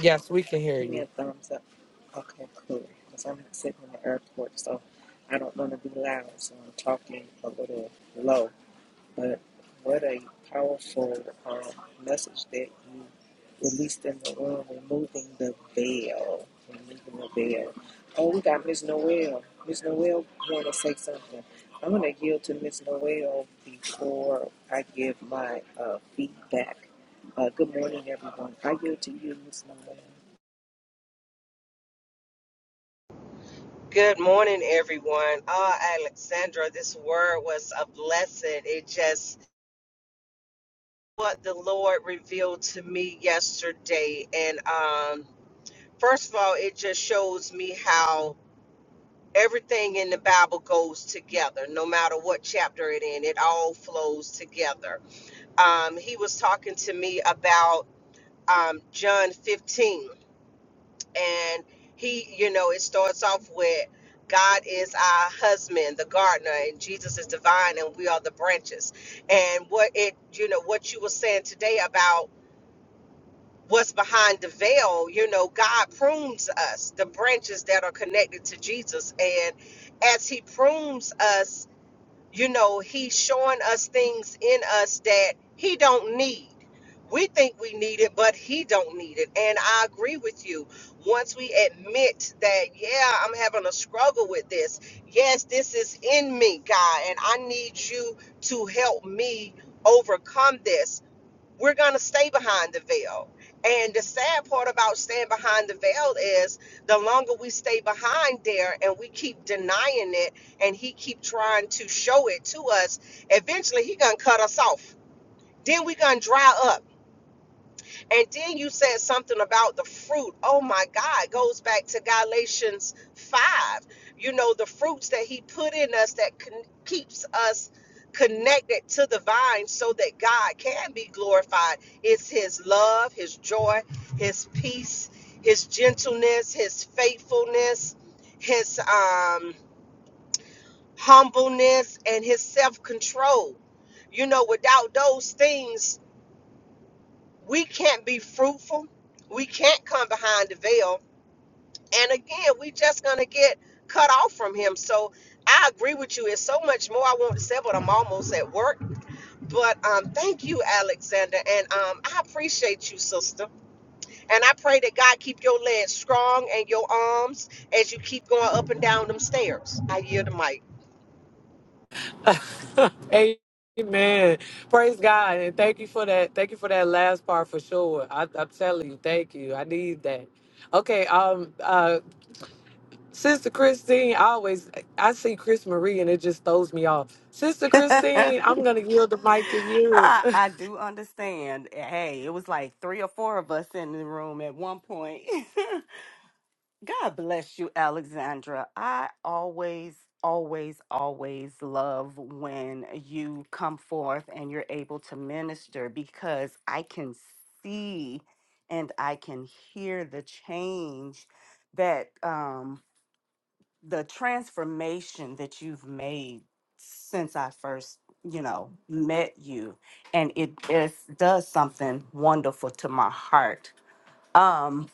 [SPEAKER 1] yes we can hear
[SPEAKER 4] Give
[SPEAKER 1] you
[SPEAKER 4] me a thumbs up. Okay, cool. Because I'm sitting in the airport, so I don't want to be loud, so I'm talking a little low. But what a powerful um, message that you released in the room, removing the veil, removing the veil. Oh, we got Miss Noel. Miss Noel want to say something. I'm going to yield to Miss Noel before I give my uh, feedback. Uh, good morning, everyone. I yield to you, Miss Noel.
[SPEAKER 5] Good morning, everyone. Oh, Alexandra, this word was a blessing. It just what the Lord revealed to me yesterday. And um, first of all, it just shows me how everything in the Bible goes together, no matter what chapter it in, it all flows together. Um, he was talking to me about um, John 15 and he you know it starts off with god is our husband the gardener and jesus is divine and we are the branches and what it you know what you were saying today about what's behind the veil you know god prunes us the branches that are connected to jesus and as he prunes us you know he's showing us things in us that he don't need we think we need it but he don't need it and i agree with you once we admit that yeah i'm having a struggle with this yes this is in me god and i need you to help me overcome this we're going to stay behind the veil. And the sad part about staying behind the veil is the longer we stay behind there and we keep denying it and he keep trying to show it to us, eventually he going to cut us off. Then we going to dry up and then you said something about the fruit. Oh my God, it goes back to Galatians 5. You know, the fruits that he put in us that con- keeps us connected to the vine so that God can be glorified. It's his love, his joy, his peace, his gentleness, his faithfulness, his um humbleness and his self-control. You know, without those things, we can't be fruitful. We can't come behind the veil. And again, we just gonna get cut off from him. So I agree with you. It's so much more I want to say, but I'm almost at work. But um, thank you, Alexander, and um, I appreciate you, sister. And I pray that God keep your legs strong and your arms as you keep going up and down them stairs. I yield the mic.
[SPEAKER 1] Amen. Praise God. And thank you for that. Thank you for that last part for sure. I, I'm telling you, thank you. I need that. Okay, um, uh, Sister Christine, I always I see Chris Marie and it just throws me off. Sister
[SPEAKER 6] (laughs)
[SPEAKER 1] Christine, I'm gonna yield the mic to you.
[SPEAKER 6] I, I do understand. Hey, it was like three or four of us in the room at one point. (laughs) God bless you, Alexandra. I always, always, always love when you come forth and you're able to minister because I can see and I can hear the change that um the transformation that you've made since I first, you know, met you, and it is, does something wonderful to my heart. Um,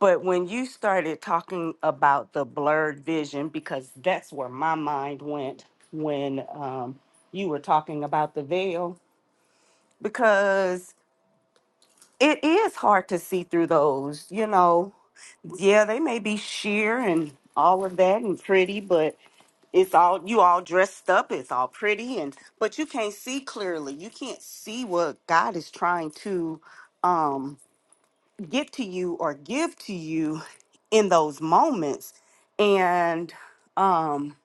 [SPEAKER 6] but when you started talking about the blurred vision, because that's where my mind went when um, you were talking about the veil, because it is hard to see through those, you know. Yeah, they may be sheer and all of that and pretty, but it's all you all dressed up it's all pretty and but you can't see clearly you can't see what god is trying to um get to you or give to you in those moments and um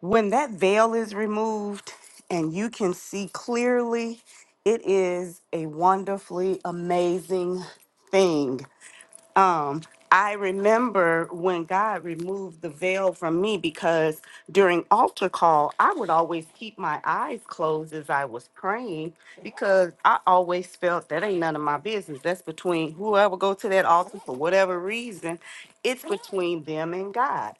[SPEAKER 6] when that veil is removed and you can see clearly it is a wonderfully amazing thing um I remember when God removed the veil from me because during altar call, I would always keep my eyes closed as I was praying because I always felt that ain't none of my business. That's between whoever go to that altar for whatever reason, it's between them and God.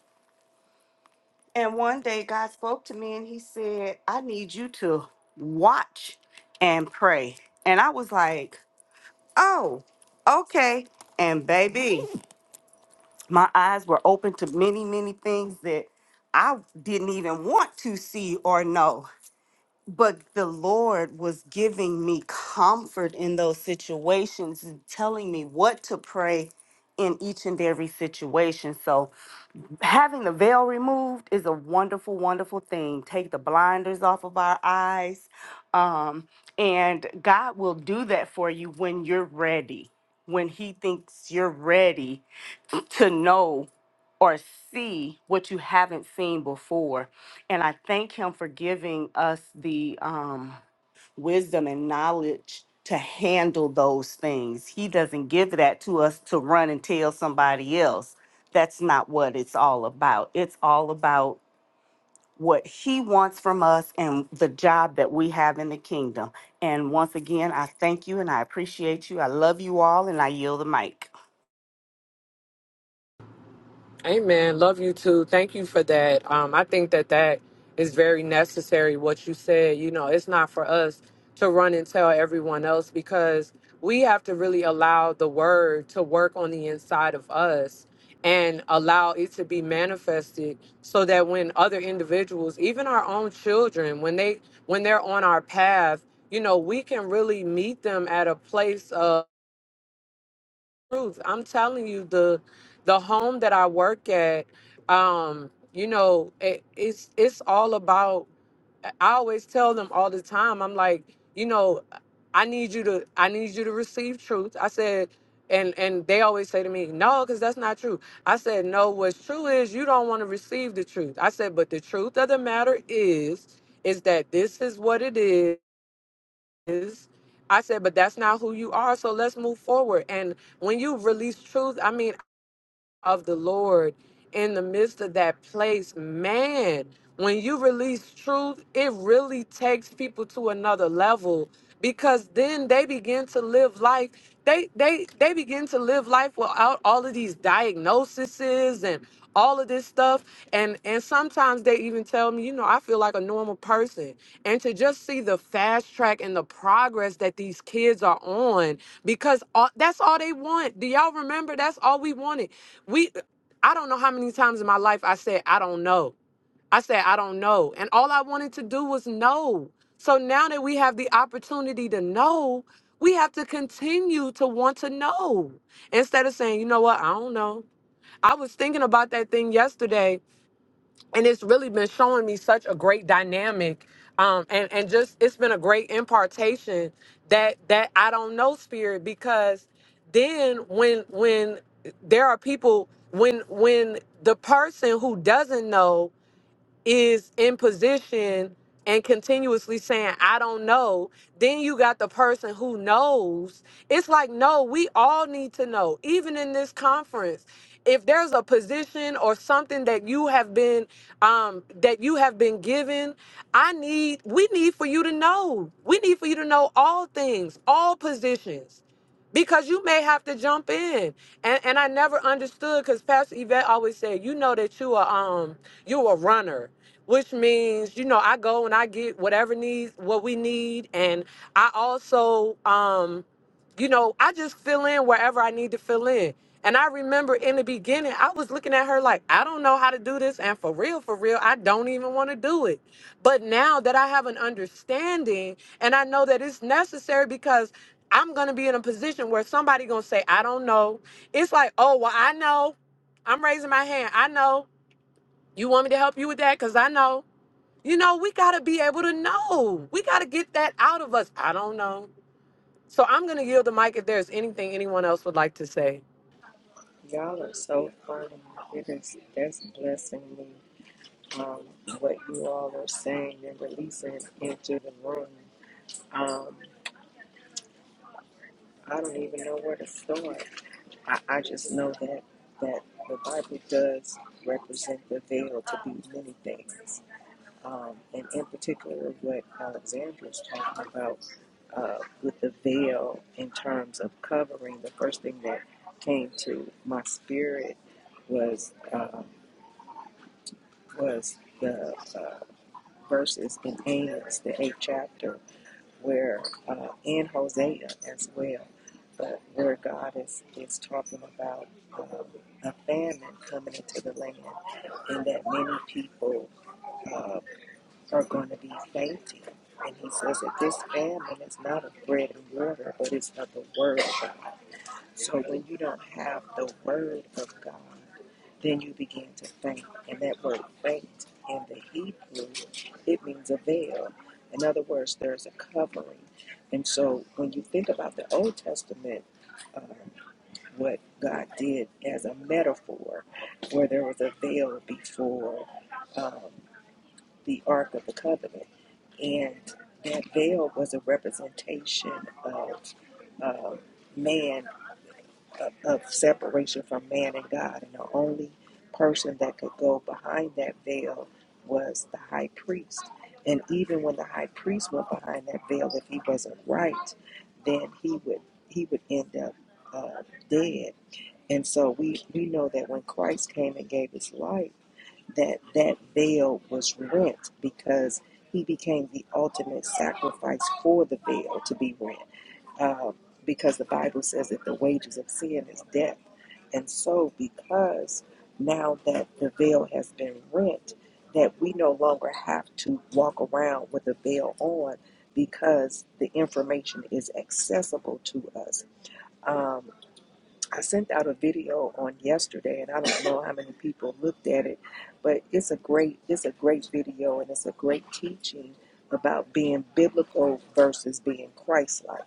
[SPEAKER 6] And one day God spoke to me and he said, "I need you to watch and pray." And I was like, "Oh, okay." And baby, my eyes were open to many, many things that I didn't even want to see or know. But the Lord was giving me comfort in those situations and telling me what to pray in each and every situation. So, having the veil removed is a wonderful, wonderful thing. Take the blinders off of our eyes. Um, and God will do that for you when you're ready, when He thinks you're ready to know or see what you haven't seen before. And I thank him for giving us the um, wisdom and knowledge to handle those things. He doesn't give that to us to run and tell somebody else. That's not what it's all about. It's all about what he wants from us and the job that we have in the kingdom. And once again, I thank you and I appreciate you. I love you all and I yield the mic.
[SPEAKER 1] Amen. Love you too. Thank you for that. Um, I think that that is very necessary. What you said, you know, it's not for us to run and tell everyone else because we have to really allow the word to work on the inside of us and allow it to be manifested so that when other individuals even our own children when they when they're on our path you know we can really meet them at a place of truth. I'm telling you, the the home that I work at, um, you know, it, it's it's all about. I always tell them all the time. I'm like, you know, I need you to I need you to receive truth. I said, and and they always say to me, no, because that's not true. I said, no, what's true is you don't want to receive the truth. I said, but the truth of the matter is, is that this is what it is is. I said, but that's not who you are. So let's move forward. And when you release truth, I mean, of the Lord in the midst of that place, man, when you release truth, it really takes people to another level because then they begin to live life. They they they begin to live life without all of these diagnoses and all of this stuff and and sometimes they even tell me you know i feel like a normal person and to just see the fast track and the progress that these kids are on because all, that's all they want do y'all remember that's all we wanted we i don't know how many times in my life i said i don't know I said, I don't know. And all I wanted to do was know. So now that we have the opportunity to know, we have to continue to want to know instead of saying, you know what, I don't know. I was thinking about that thing yesterday, and it's really been showing me such a great dynamic. Um, and, and just it's been a great impartation that that I don't know spirit because then when when there are people when when the person who doesn't know is in position and continuously saying, I don't know. Then you got the person who knows. It's like, no, we all need to know, even in this conference. If there's a position or something that you have been um, that you have been given, I need we need for you to know. We need for you to know all things, all positions because you may have to jump in. And and I never understood because Pastor Yvette always said, you know that you are um you a runner, which means you know I go and I get whatever needs what we need, and I also um you know I just fill in wherever I need to fill in. And I remember in the beginning, I was looking at her like, I don't know how to do this. And for real, for real, I don't even want to do it. But now that I have an understanding and I know that it's necessary because I'm gonna be in a position where somebody gonna say, I don't know. It's like, oh well, I know. I'm raising my hand. I know. You want me to help you with that? Cause I know. You know, we gotta be able to know. We gotta get that out of us. I don't know. So I'm gonna yield the mic if there's anything anyone else would like to say.
[SPEAKER 4] Y'all are so funny. It is that's blessing me. Um, what you all are saying and releasing into the room. Um, I don't even know where to start. I, I just know that that the Bible does represent the veil to be many things, um, and in particular, what Alexandra is talking about uh, with the veil in terms of covering. The first thing that came to my spirit was um, was the uh, verses in Amos, the eighth chapter, where uh, in Hosea as well, but where God is is talking about um, a famine coming into the land, and that many people uh, are going to be fainting. And he says that this famine is not of bread and water, but it's of the word of God. So when you don't have the word of God, then you begin to faint. And that word faint in the Hebrew, it means a veil. In other words, there's a covering. And so when you think about the Old Testament, uh, what God did as a metaphor, where there was a veil before um, the Ark of the Covenant, and that veil was a representation of uh, man of, separation from man and God. And the only person that could go behind that veil was the high priest. And even when the high priest went behind that veil, if he wasn't right, then he would he would end up uh, dead. And so we we know that when Christ came and gave his life, that that veil was rent because he became the ultimate sacrifice for the veil to be rent uh, because the Bible says that the wages of sin is death. And so, because now that the veil has been rent, that we no longer have to walk around with a veil on because the information is accessible to us. Um, I sent out a video on yesterday, and I don't know how many people looked at it, but it's a great it's a great video, and it's a great teaching about being biblical versus being Christ-like.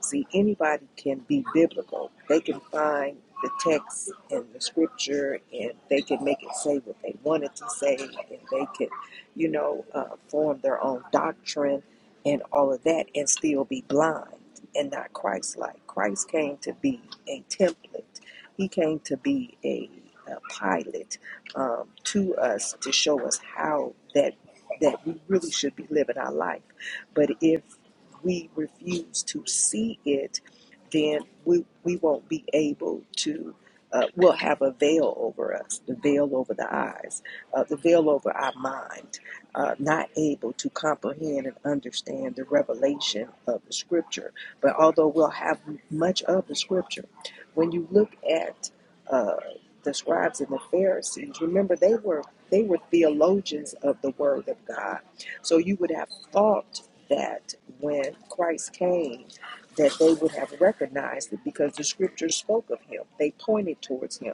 [SPEAKER 4] See, anybody can be biblical; they can find the text and the scripture, and they can make it say what they want it to say, and they can, you know, uh, form their own doctrine and all of that and still be blind and not Christ like. Christ came to be a template, He came to be a, a pilot um, to us to show us how that, that we really should be living our life. But if we refuse to see it, then we, we won't be able to. Uh, we'll have a veil over us, the veil over the eyes, uh, the veil over our mind uh, not able to comprehend and understand the revelation of the scripture. But although we'll have much of the scripture, when you look at uh, the scribes and the Pharisees, remember they were they were theologians of the word of God. So you would have thought that when Christ came, that they would have recognized it because the scriptures spoke of him. They pointed towards him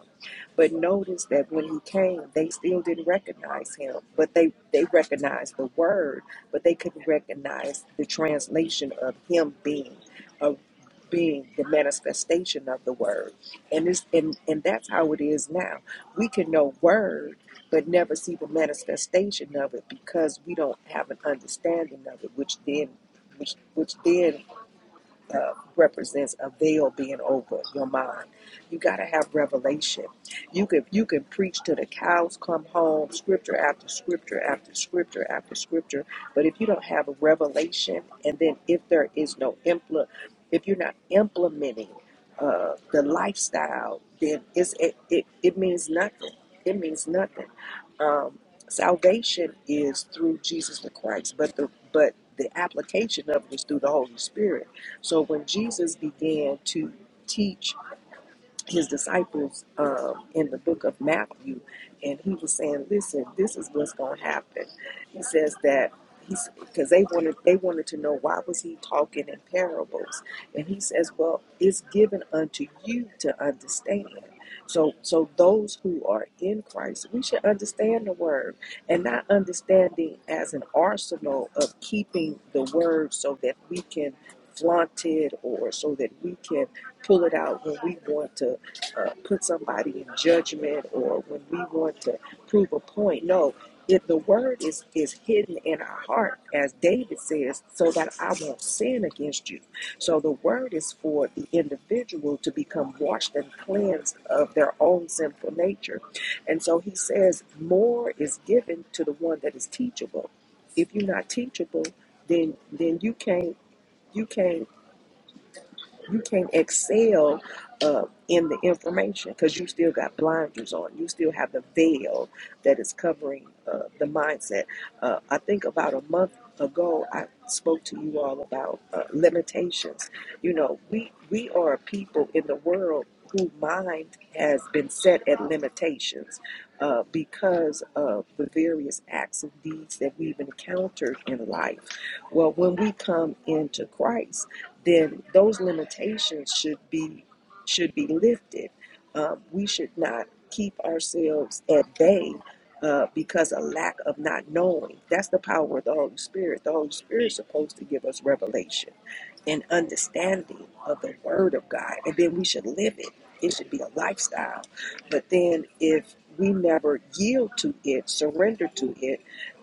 [SPEAKER 4] but notice that when he came, they still didn't recognize him, but they, they recognized the word, but they couldn't recognize the translation of him being of being the manifestation of the word. And this and, and that's how it is now. We can know word but never see the manifestation of it because we don't have an understanding of it, which then which which then uh, represents a veil being over your mind. You got to have revelation. You can you can preach to the cows come home, scripture after scripture after scripture after scripture, but if you don't have a revelation, and then if there is no impl, if you're not implementing uh, the lifestyle, then it's, it, it it means nothing. It means nothing. Um, salvation is through Jesus the Christ, but the but the application of it is through the Holy Spirit. So when Jesus began to teach his disciples um, in the book of Matthew, and he was saying, "Listen, this is what's going to happen." He says that he's because they wanted they wanted to know why was he talking in parables, and he says, "Well, it's given unto you to understand." So, so those who are in Christ, we should understand the word, and not understanding as an arsenal of keeping the word so that we can flaunt it or so that we can pull it out when we want to uh, put somebody in judgment or when we want to prove a point. No, if the word is is hidden in our heart, as David says, so that I won't sin against you. So the word is for the individual to become washed and cleansed of their own sinful nature. And so he says, more is given to the one that is teachable. If you're not teachable, then then you can't you can't you can't excel uh, in the information because you still got blinders on. You still have the veil that is covering uh, the mindset. Uh, I think about a month ago, I spoke to you all about uh, limitations. You know, we we are a people in the world who mind has been set at limitations uh, because of the various acts and deeds that we've encountered in life. Well, when we come into Christ then those limitations should be should be lifted. Um, we should not keep ourselves at bay uh, because of lack of not knowing. That's the power of the Holy Spirit. The Holy Spirit is supposed to give us revelation and understanding of the Word of God, and then we should live it. It should be a lifestyle. But then if we never yield to it, surrender to it,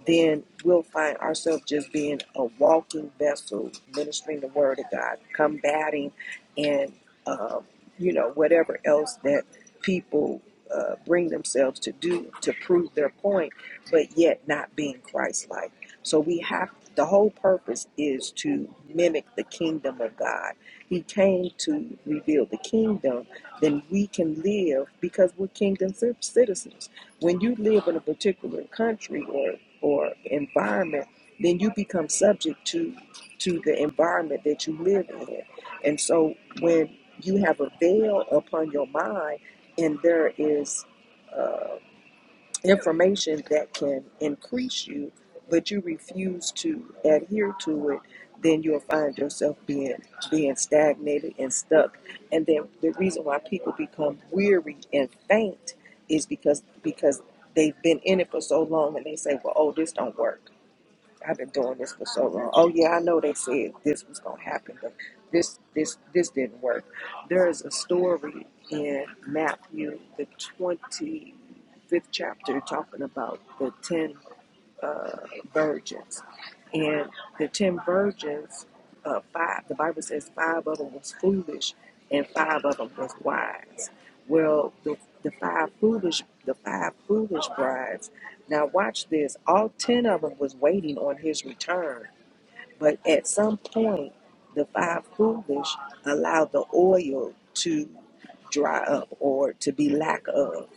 [SPEAKER 4] then we'll find ourselves just being a walking vessel, ministering the word of God, combating, and um, you know whatever else that people uh, bring themselves to do to prove their point, but yet not being Christ-like. So we have the whole purpose is to mimic the kingdom of God. He came to reveal the kingdom, then we can live because we're kingdom citizens when you live in a particular country or or environment then you become subject to to the environment that you live in and so when you have a veil upon your mind and there is information that can increase you, but you refuse to adhere to it, then you'll find yourself being being stagnated and stuck. And then the reason why people become weary and faint is because because they've been in it for so long and they say, Well, oh, this don't work. I've been doing this for so long. Oh yeah, I know they said this was gonna happen, but this this this didn't work. There is a story in Matthew the twenty fifth chapter talking about the ten uh, virgins. And the ten virgins, uh, five, the Bible says five of them was foolish and five of them was wise. Well, the, the five foolish, the five foolish brides. Now watch this. All ten of them was waiting on his return, but at some point, the five foolish allowed the oil to dry up or to be lack of.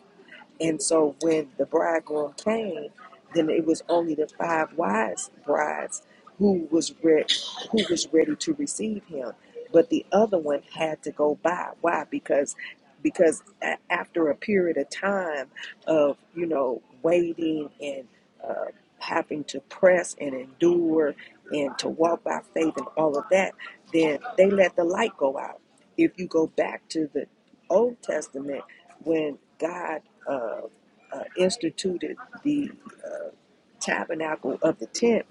[SPEAKER 4] And so when the bridegroom came, then it was only the five wise brides who was re- who was ready to receive him, but the other one had to go by. Why? Because because a- after a period of time of you know waiting and uh, having to press and endure and to walk by faith and all of that, then they let the light go out. If you go back to the Old Testament when God uh, uh, instituted the tabernacle of the tent,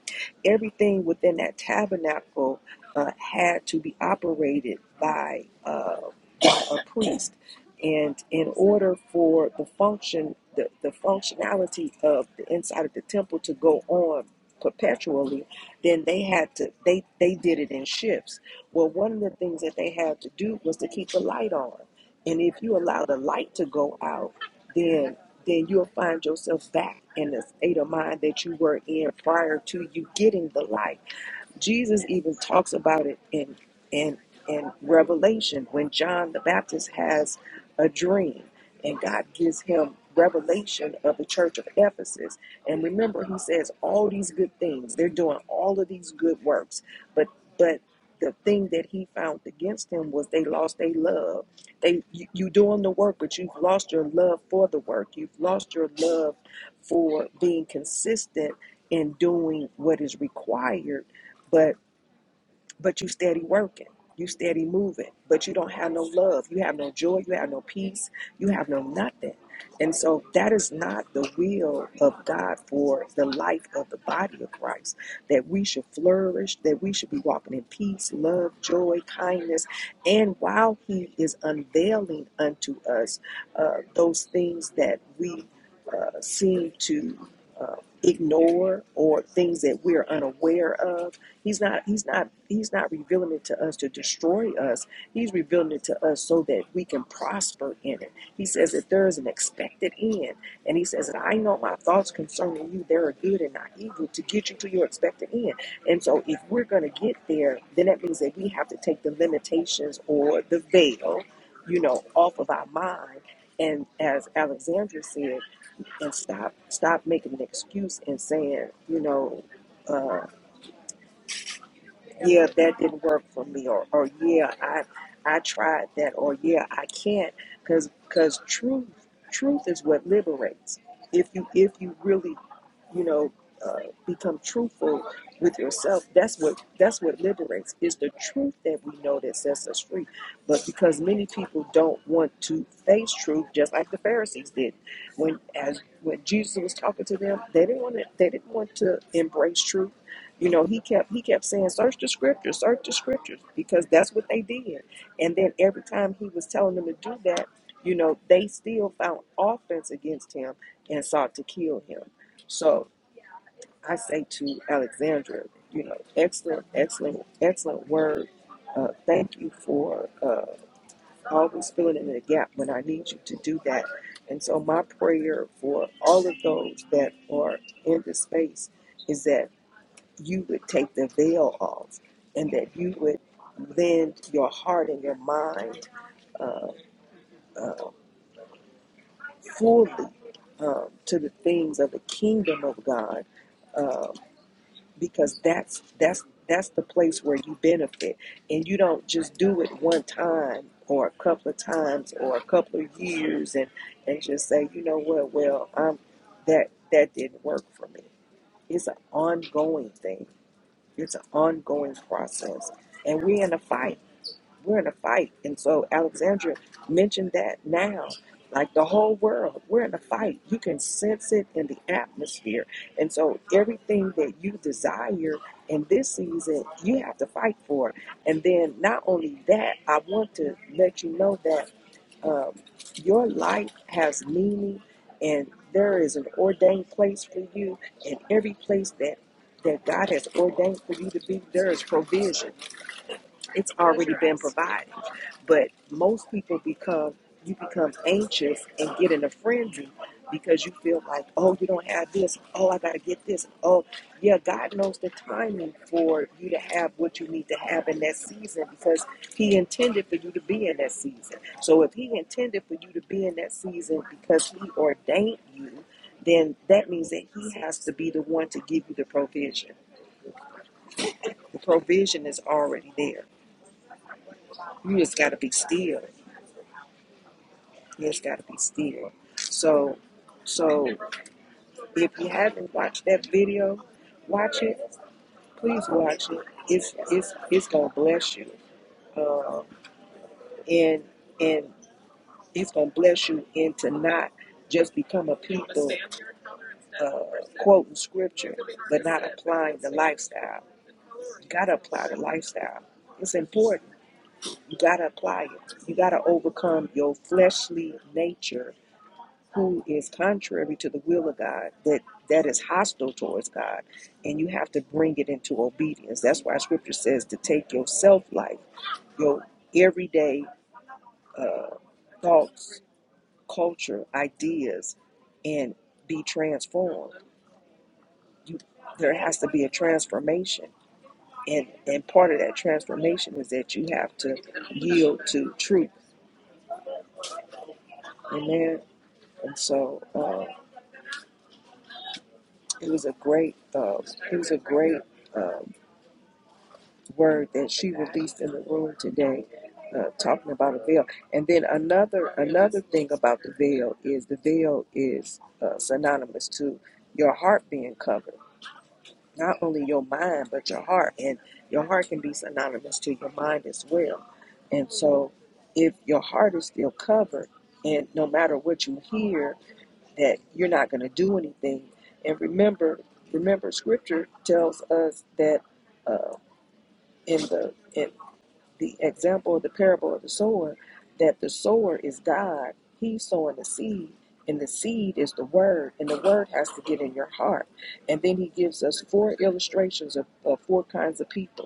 [SPEAKER 4] everything within that tabernacle uh, had to be operated by uh, by a priest. And in order for the function, the, the functionality of the inside of the temple to go on perpetually, then they had to they they did it in shifts. Well, one of the things that they had to do was to keep the light on. And if you allow the light to go out, then then you'll find yourself back in the state of mind that you were in prior to you getting the light Jesus even talks about it in in in Revelation when John the Baptist has a dream and God gives him revelation of the church of Ephesus. And remember he says all these good things. They're doing all of these good works. But but the thing that he found against them was they lost their love. They you, you doing the work, but you've lost your love for the work. You've lost your love for being consistent in doing what is required but but you steady working you steady moving but you don't have no love you have no joy you have no peace you have no nothing and so that is not the will of god for the life of the body of christ that we should flourish that we should be walking in peace love joy kindness and while he is unveiling unto us uh, those things that we uh, seem to uh, ignore or things that we're unaware of He's not he's not he's not revealing it to us to destroy us. He's revealing it to us so that we can prosper in it. He says that there is an expected end. And he says that I know my thoughts concerning you, they are good and not evil to get you to your expected end. And so if we're gonna get there, then that means that we have to take the limitations or the veil, you know, off of our mind. And as Alexandra said, and stop stop making an excuse and saying, you know, uh, yeah, that didn't work for me, or, or yeah, I I tried that, or yeah, I can't, because because truth truth is what liberates. If you if you really, you know, uh, become truthful with yourself, that's what that's what liberates. Is the truth that we know that sets us free. But because many people don't want to face truth, just like the Pharisees did, when as when Jesus was talking to them, they didn't want to they didn't want to embrace truth you know, he kept he kept saying, "Search the scriptures, search the scriptures," because that's what they did. And then every time he was telling them to do that, you know, they still found offense against him and sought to kill him. So I say to Alexandra, you know, excellent, excellent, excellent word. Uh, thank you for uh, always filling in the gap when I need you to do that. And so my prayer for all of those that are in this space is that you would take the veil off and that you would lend your heart and your mind fully um, to the things of the kingdom of God um, because that's that's that's the place where you benefit and you don't just do it one time or a couple of times or a couple of years and and just say you know what well I'm that that didn't work for me it's an ongoing thing it's an ongoing process and we're in a fight We're in a fight. And so Alexandra mentioned that now. Like the whole world, we're in a fight. You can sense it in the atmosphere. And so everything that you desire in this season, you have to fight for. And then not only that, I want to let you know that um, your life has meaning and there is an ordained place for you and every place that that God has ordained for you to be, there is provision it's already been provided. But most people become you become anxious and get in a frenzy because you feel like, oh, you don't have this. Oh, I gotta get this. Oh, yeah, God knows the timing for you to have what you need to have in that season because He intended for you to be in that season. So if He intended for you to be in that season because He ordained you, then that means that He has to be the one to give you the provision. The provision is already there. You just gotta be still It's gotta be still. So, so if you haven't watched that video, watch it. Please watch it. It's it's it's gonna bless you, and and it's gonna bless you into not just become a people uh, quoting scripture, but not applying the lifestyle. You gotta apply the lifestyle. It's important. You gotta apply it. You gotta overcome your fleshly nature who is contrary to the will of God, that that is hostile towards God, and you have to bring it into obedience. That's why Scripture says to take your self life, your everyday thoughts, culture, ideas, and be transformed. You, there has to be a transformation, and and part of that transformation is that you have to yield to truth. Amen. And so uh, it was a great, uh, it was a great. uh, word that she released in the room today, uh, talking about a veil. And then another another thing about the veil is the veil is uh, synonymous to your heart being covered. Not only your mind, but your heart, and your heart can be synonymous to your mind as well. And so, if your heart is still covered, and no matter what you hear, that you're not going to do anything. And remember, remember, Scripture tells us that uh, in the in the example of the parable of the sower that the sower is God. He's sowing the seed, and the seed is the word, and the word has to get in your heart. And then he gives us four illustrations of, of four kinds of people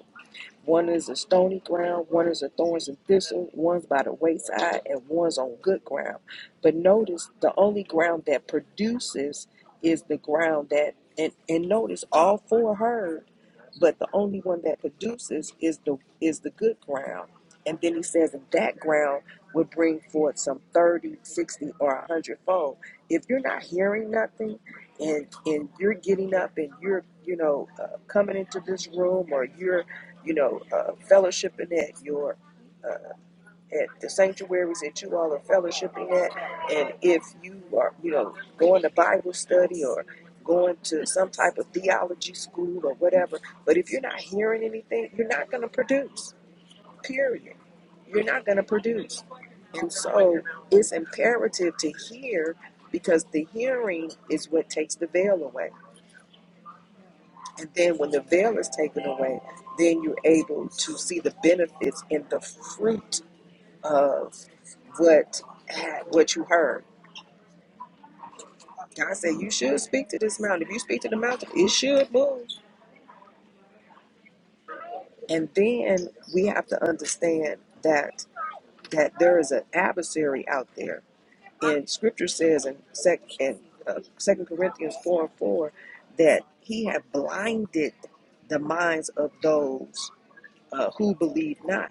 [SPEAKER 4] one is a stony ground, one is a thorns and thistles, one's by the wayside, and one's on good ground. But notice the only ground that produces is the ground that, and, and notice all four heard, but the only one that produces is the is the good ground. And then he says that that ground will bring forth some 30, 60, or a 100 fold. If you're not hearing nothing and and you're getting up and you're, you know, uh, coming into this room or you're you know, uh, fellowshipping at your uh, at the sanctuaries that you all are fellowshipping at, and if you are, you know, going to Bible study or going to some type of theology school or whatever, but if you're not hearing anything, you're not going to produce. Period. You're not going to produce, and so it's imperative to hear because the hearing is what takes the veil away. And then when the veil is taken away, then you're able to see the benefits and the fruit of what what you heard. God said you should speak to this mountain. If you speak to the mountain, it should move. And then we have to understand that that there is an adversary out there. And Scripture says in sec in uh, Second Corinthians four and four that He had blinded the minds of those uh, who believe not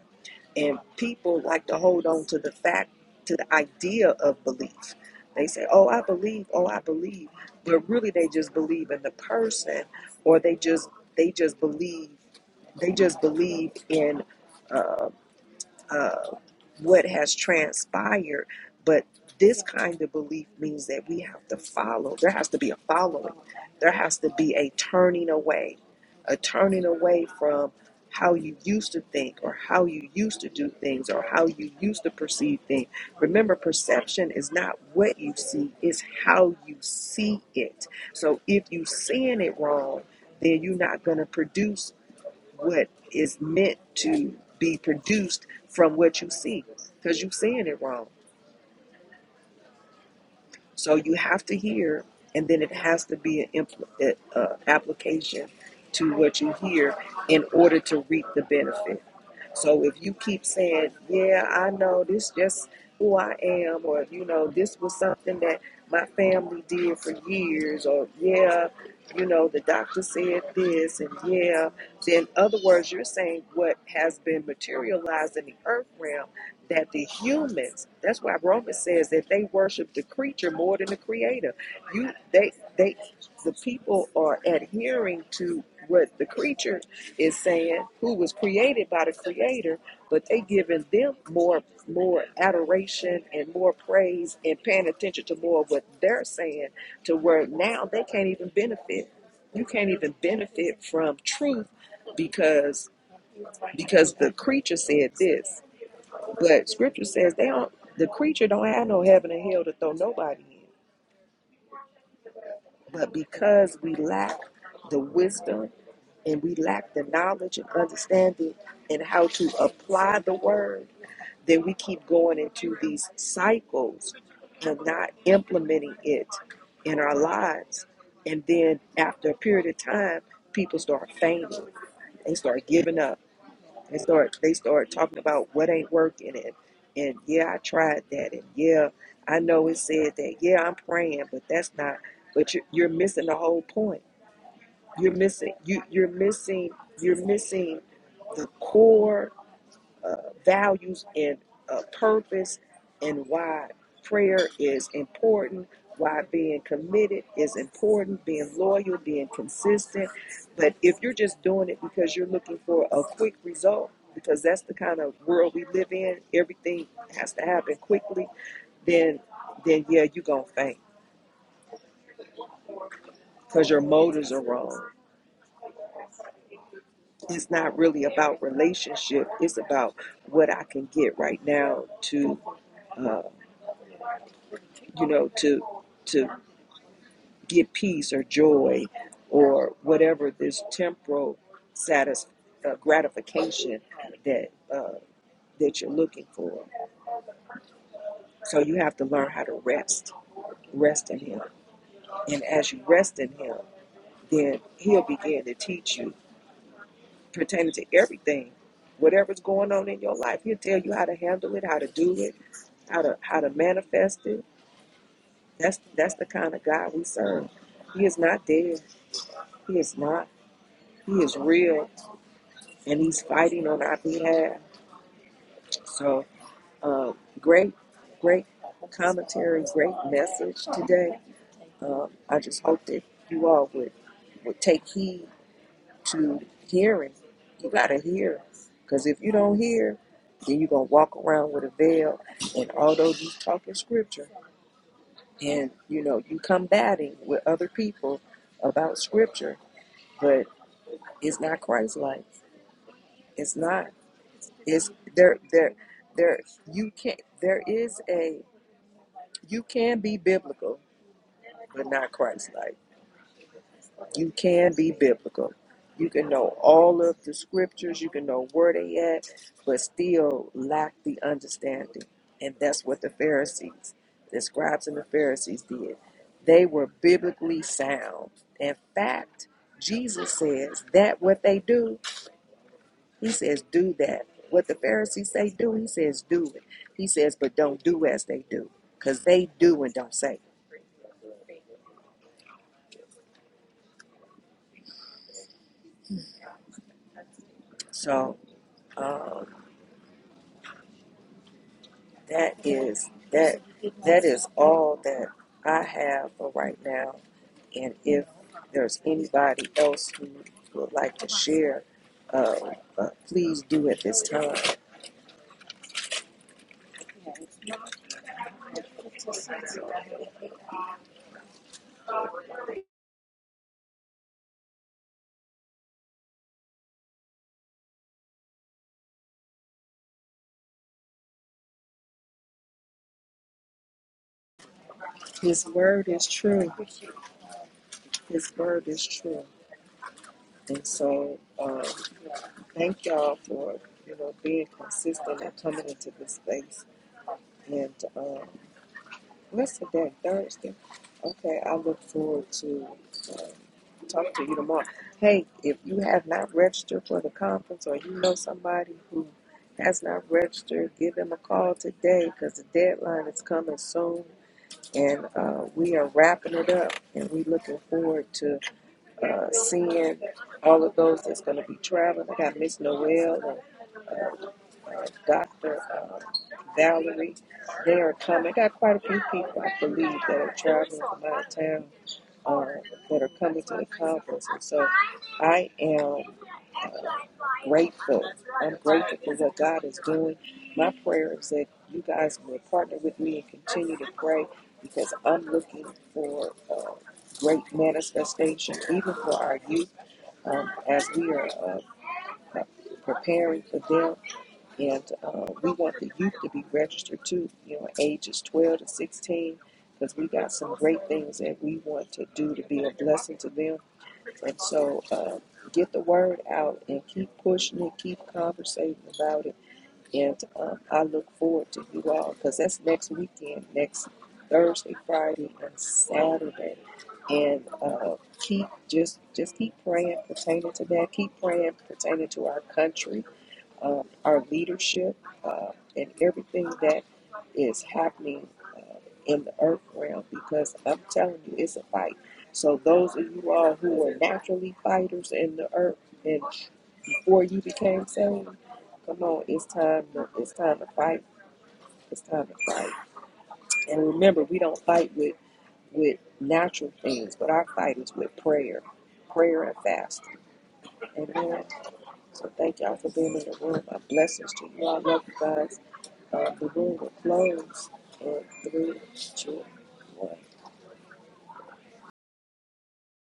[SPEAKER 4] And people like to hold on to the fact, to the idea of belief. They say, oh, I believe, oh, I believe. But really, they just believe in the person or they just, they just believe, they just believe in uh, uh, what has transpired, but this kind of belief means that we have to follow. There has to be a following. There has to be a turning away, a turning away from how you used to think or how you used to do things or how you used to perceive things. Remember, perception is not what you see, it's how you see it. So if you're seeing it wrong, then you're not going to produce what is meant to be produced from what you see because you're seeing it wrong. So you have to hear, and then it has to be an impl- uh, uh, application to what you hear in order to reap the benefit. So if you keep saying, "Yeah, I know this, just who I am," or you know, this was something that my family did for years, or yeah, you know, the doctor said this, and yeah, then in other words, you're saying what has been materialized in the earth realm that the humans that's why romans says that they worship the creature more than the creator you they they the people are adhering to what the creature is saying who was created by the creator but they giving them more more adoration and more praise and paying attention to more of what they're saying to where now they can't even benefit you can't even benefit from truth because because the creature said this but scripture says they don't the creature don't have no heaven and hell to throw nobody in. But because we lack the wisdom and we lack the knowledge and understanding and how to apply the word, then we keep going into these cycles and not implementing it in our lives. And then after a period of time, people start fainting. They start giving up. They start they start talking about what ain't working and and yeah, I tried that and yeah, I know it said that. Yeah, I'm praying, but that's not. But you're, you're missing the whole point. You're missing you you're missing you're missing the core uh, values and uh, purpose and why prayer is important, why being committed is important, being loyal, being consistent. But if you're just doing it because you're looking for a quick result, because that's the kind of world we live in, everything has to happen quickly, then then yeah, you're gonna faint because your motives are wrong. It's not really about relationship. It's about what I can get right now to uh, you know, to to get peace or joy or whatever this temporal satis- uh, gratification that uh, that you're looking for. So you have to learn how to rest, rest in Him, and as you rest in Him, then He'll begin to teach you pertaining to everything, whatever's going on in your life. He'll tell you how to handle it, how to do it, how to how to manifest it. That's that's the kind of God we serve. He is not dead. He is not. He is real and he's fighting on our behalf. So, um, great, great commentary, great message today. Um, I just hope that you all would, would take heed to hearing. You got to hear. Because if you don't hear, then you're going to walk around with a veil. And although you talking scripture and, you know, you combating with other people about scripture, but it's not Christ-like. It's not. Is there there there you can there is a you can be biblical but not Christ like. You can be biblical. You can know all of the scriptures, you can know where they at, but still lack the understanding. And that's what the Pharisees, the scribes and the Pharisees did. They were biblically sound. In fact, Jesus says that what they do He says, do that. What the Pharisees say do, he says, do it. He says, but don't do as they do, because they do and don't say. So um, that is that that is all that I have for right now. And if there's anybody else who would like to share, uh, uh, please do at this time. His word is true. His word is true. And so. uh, Thank y'all for you know being consistent and coming into this space. And um, what's today? Thursday. Okay, I look forward to um, talking to you tomorrow. Hey, if you have not registered for the conference, or you know somebody who has not registered, give them a call today because the deadline is coming soon, and uh, we are wrapping it up. And we looking forward to uh, seeing all of those that's going to be traveling. I got Miss Noel uh, Dr. Uh, Valerie. They are coming. I got quite a few people, I believe, that are traveling from out of town or that are coming to the conference. And so I am grateful. I'm grateful for what God is doing. My prayer is that you guys will partner with me and continue to pray because I'm looking for uh, great manifestation, even for our youth, um, as we are uh, preparing for them. And uh, we want the youth to be registered too, you know, ages 12 to 16, because we got some great things that we want to do to be a blessing to them. And so uh, get the word out and keep pushing it, keep conversating about it. And um, I look forward to you all, because that's next weekend, next Thursday, Friday, and Saturday. And uh, keep just just keep praying pertaining to that. Keep praying pertaining to our country uh, our leadership, uh, and everything that is happening uh, in the earth realm because I'm telling you, it's a fight. So, those of you all who were naturally fighters in the earth and before you became saved, come on, it's time to, it's time to fight. It's time to fight. And remember, we don't fight with, with natural things, but our fight is with prayer, prayer and fasting. Amen. So thank y'all for being in the room. My blessings to you. all. I love you guys. Uh, the room will close in three, two, one.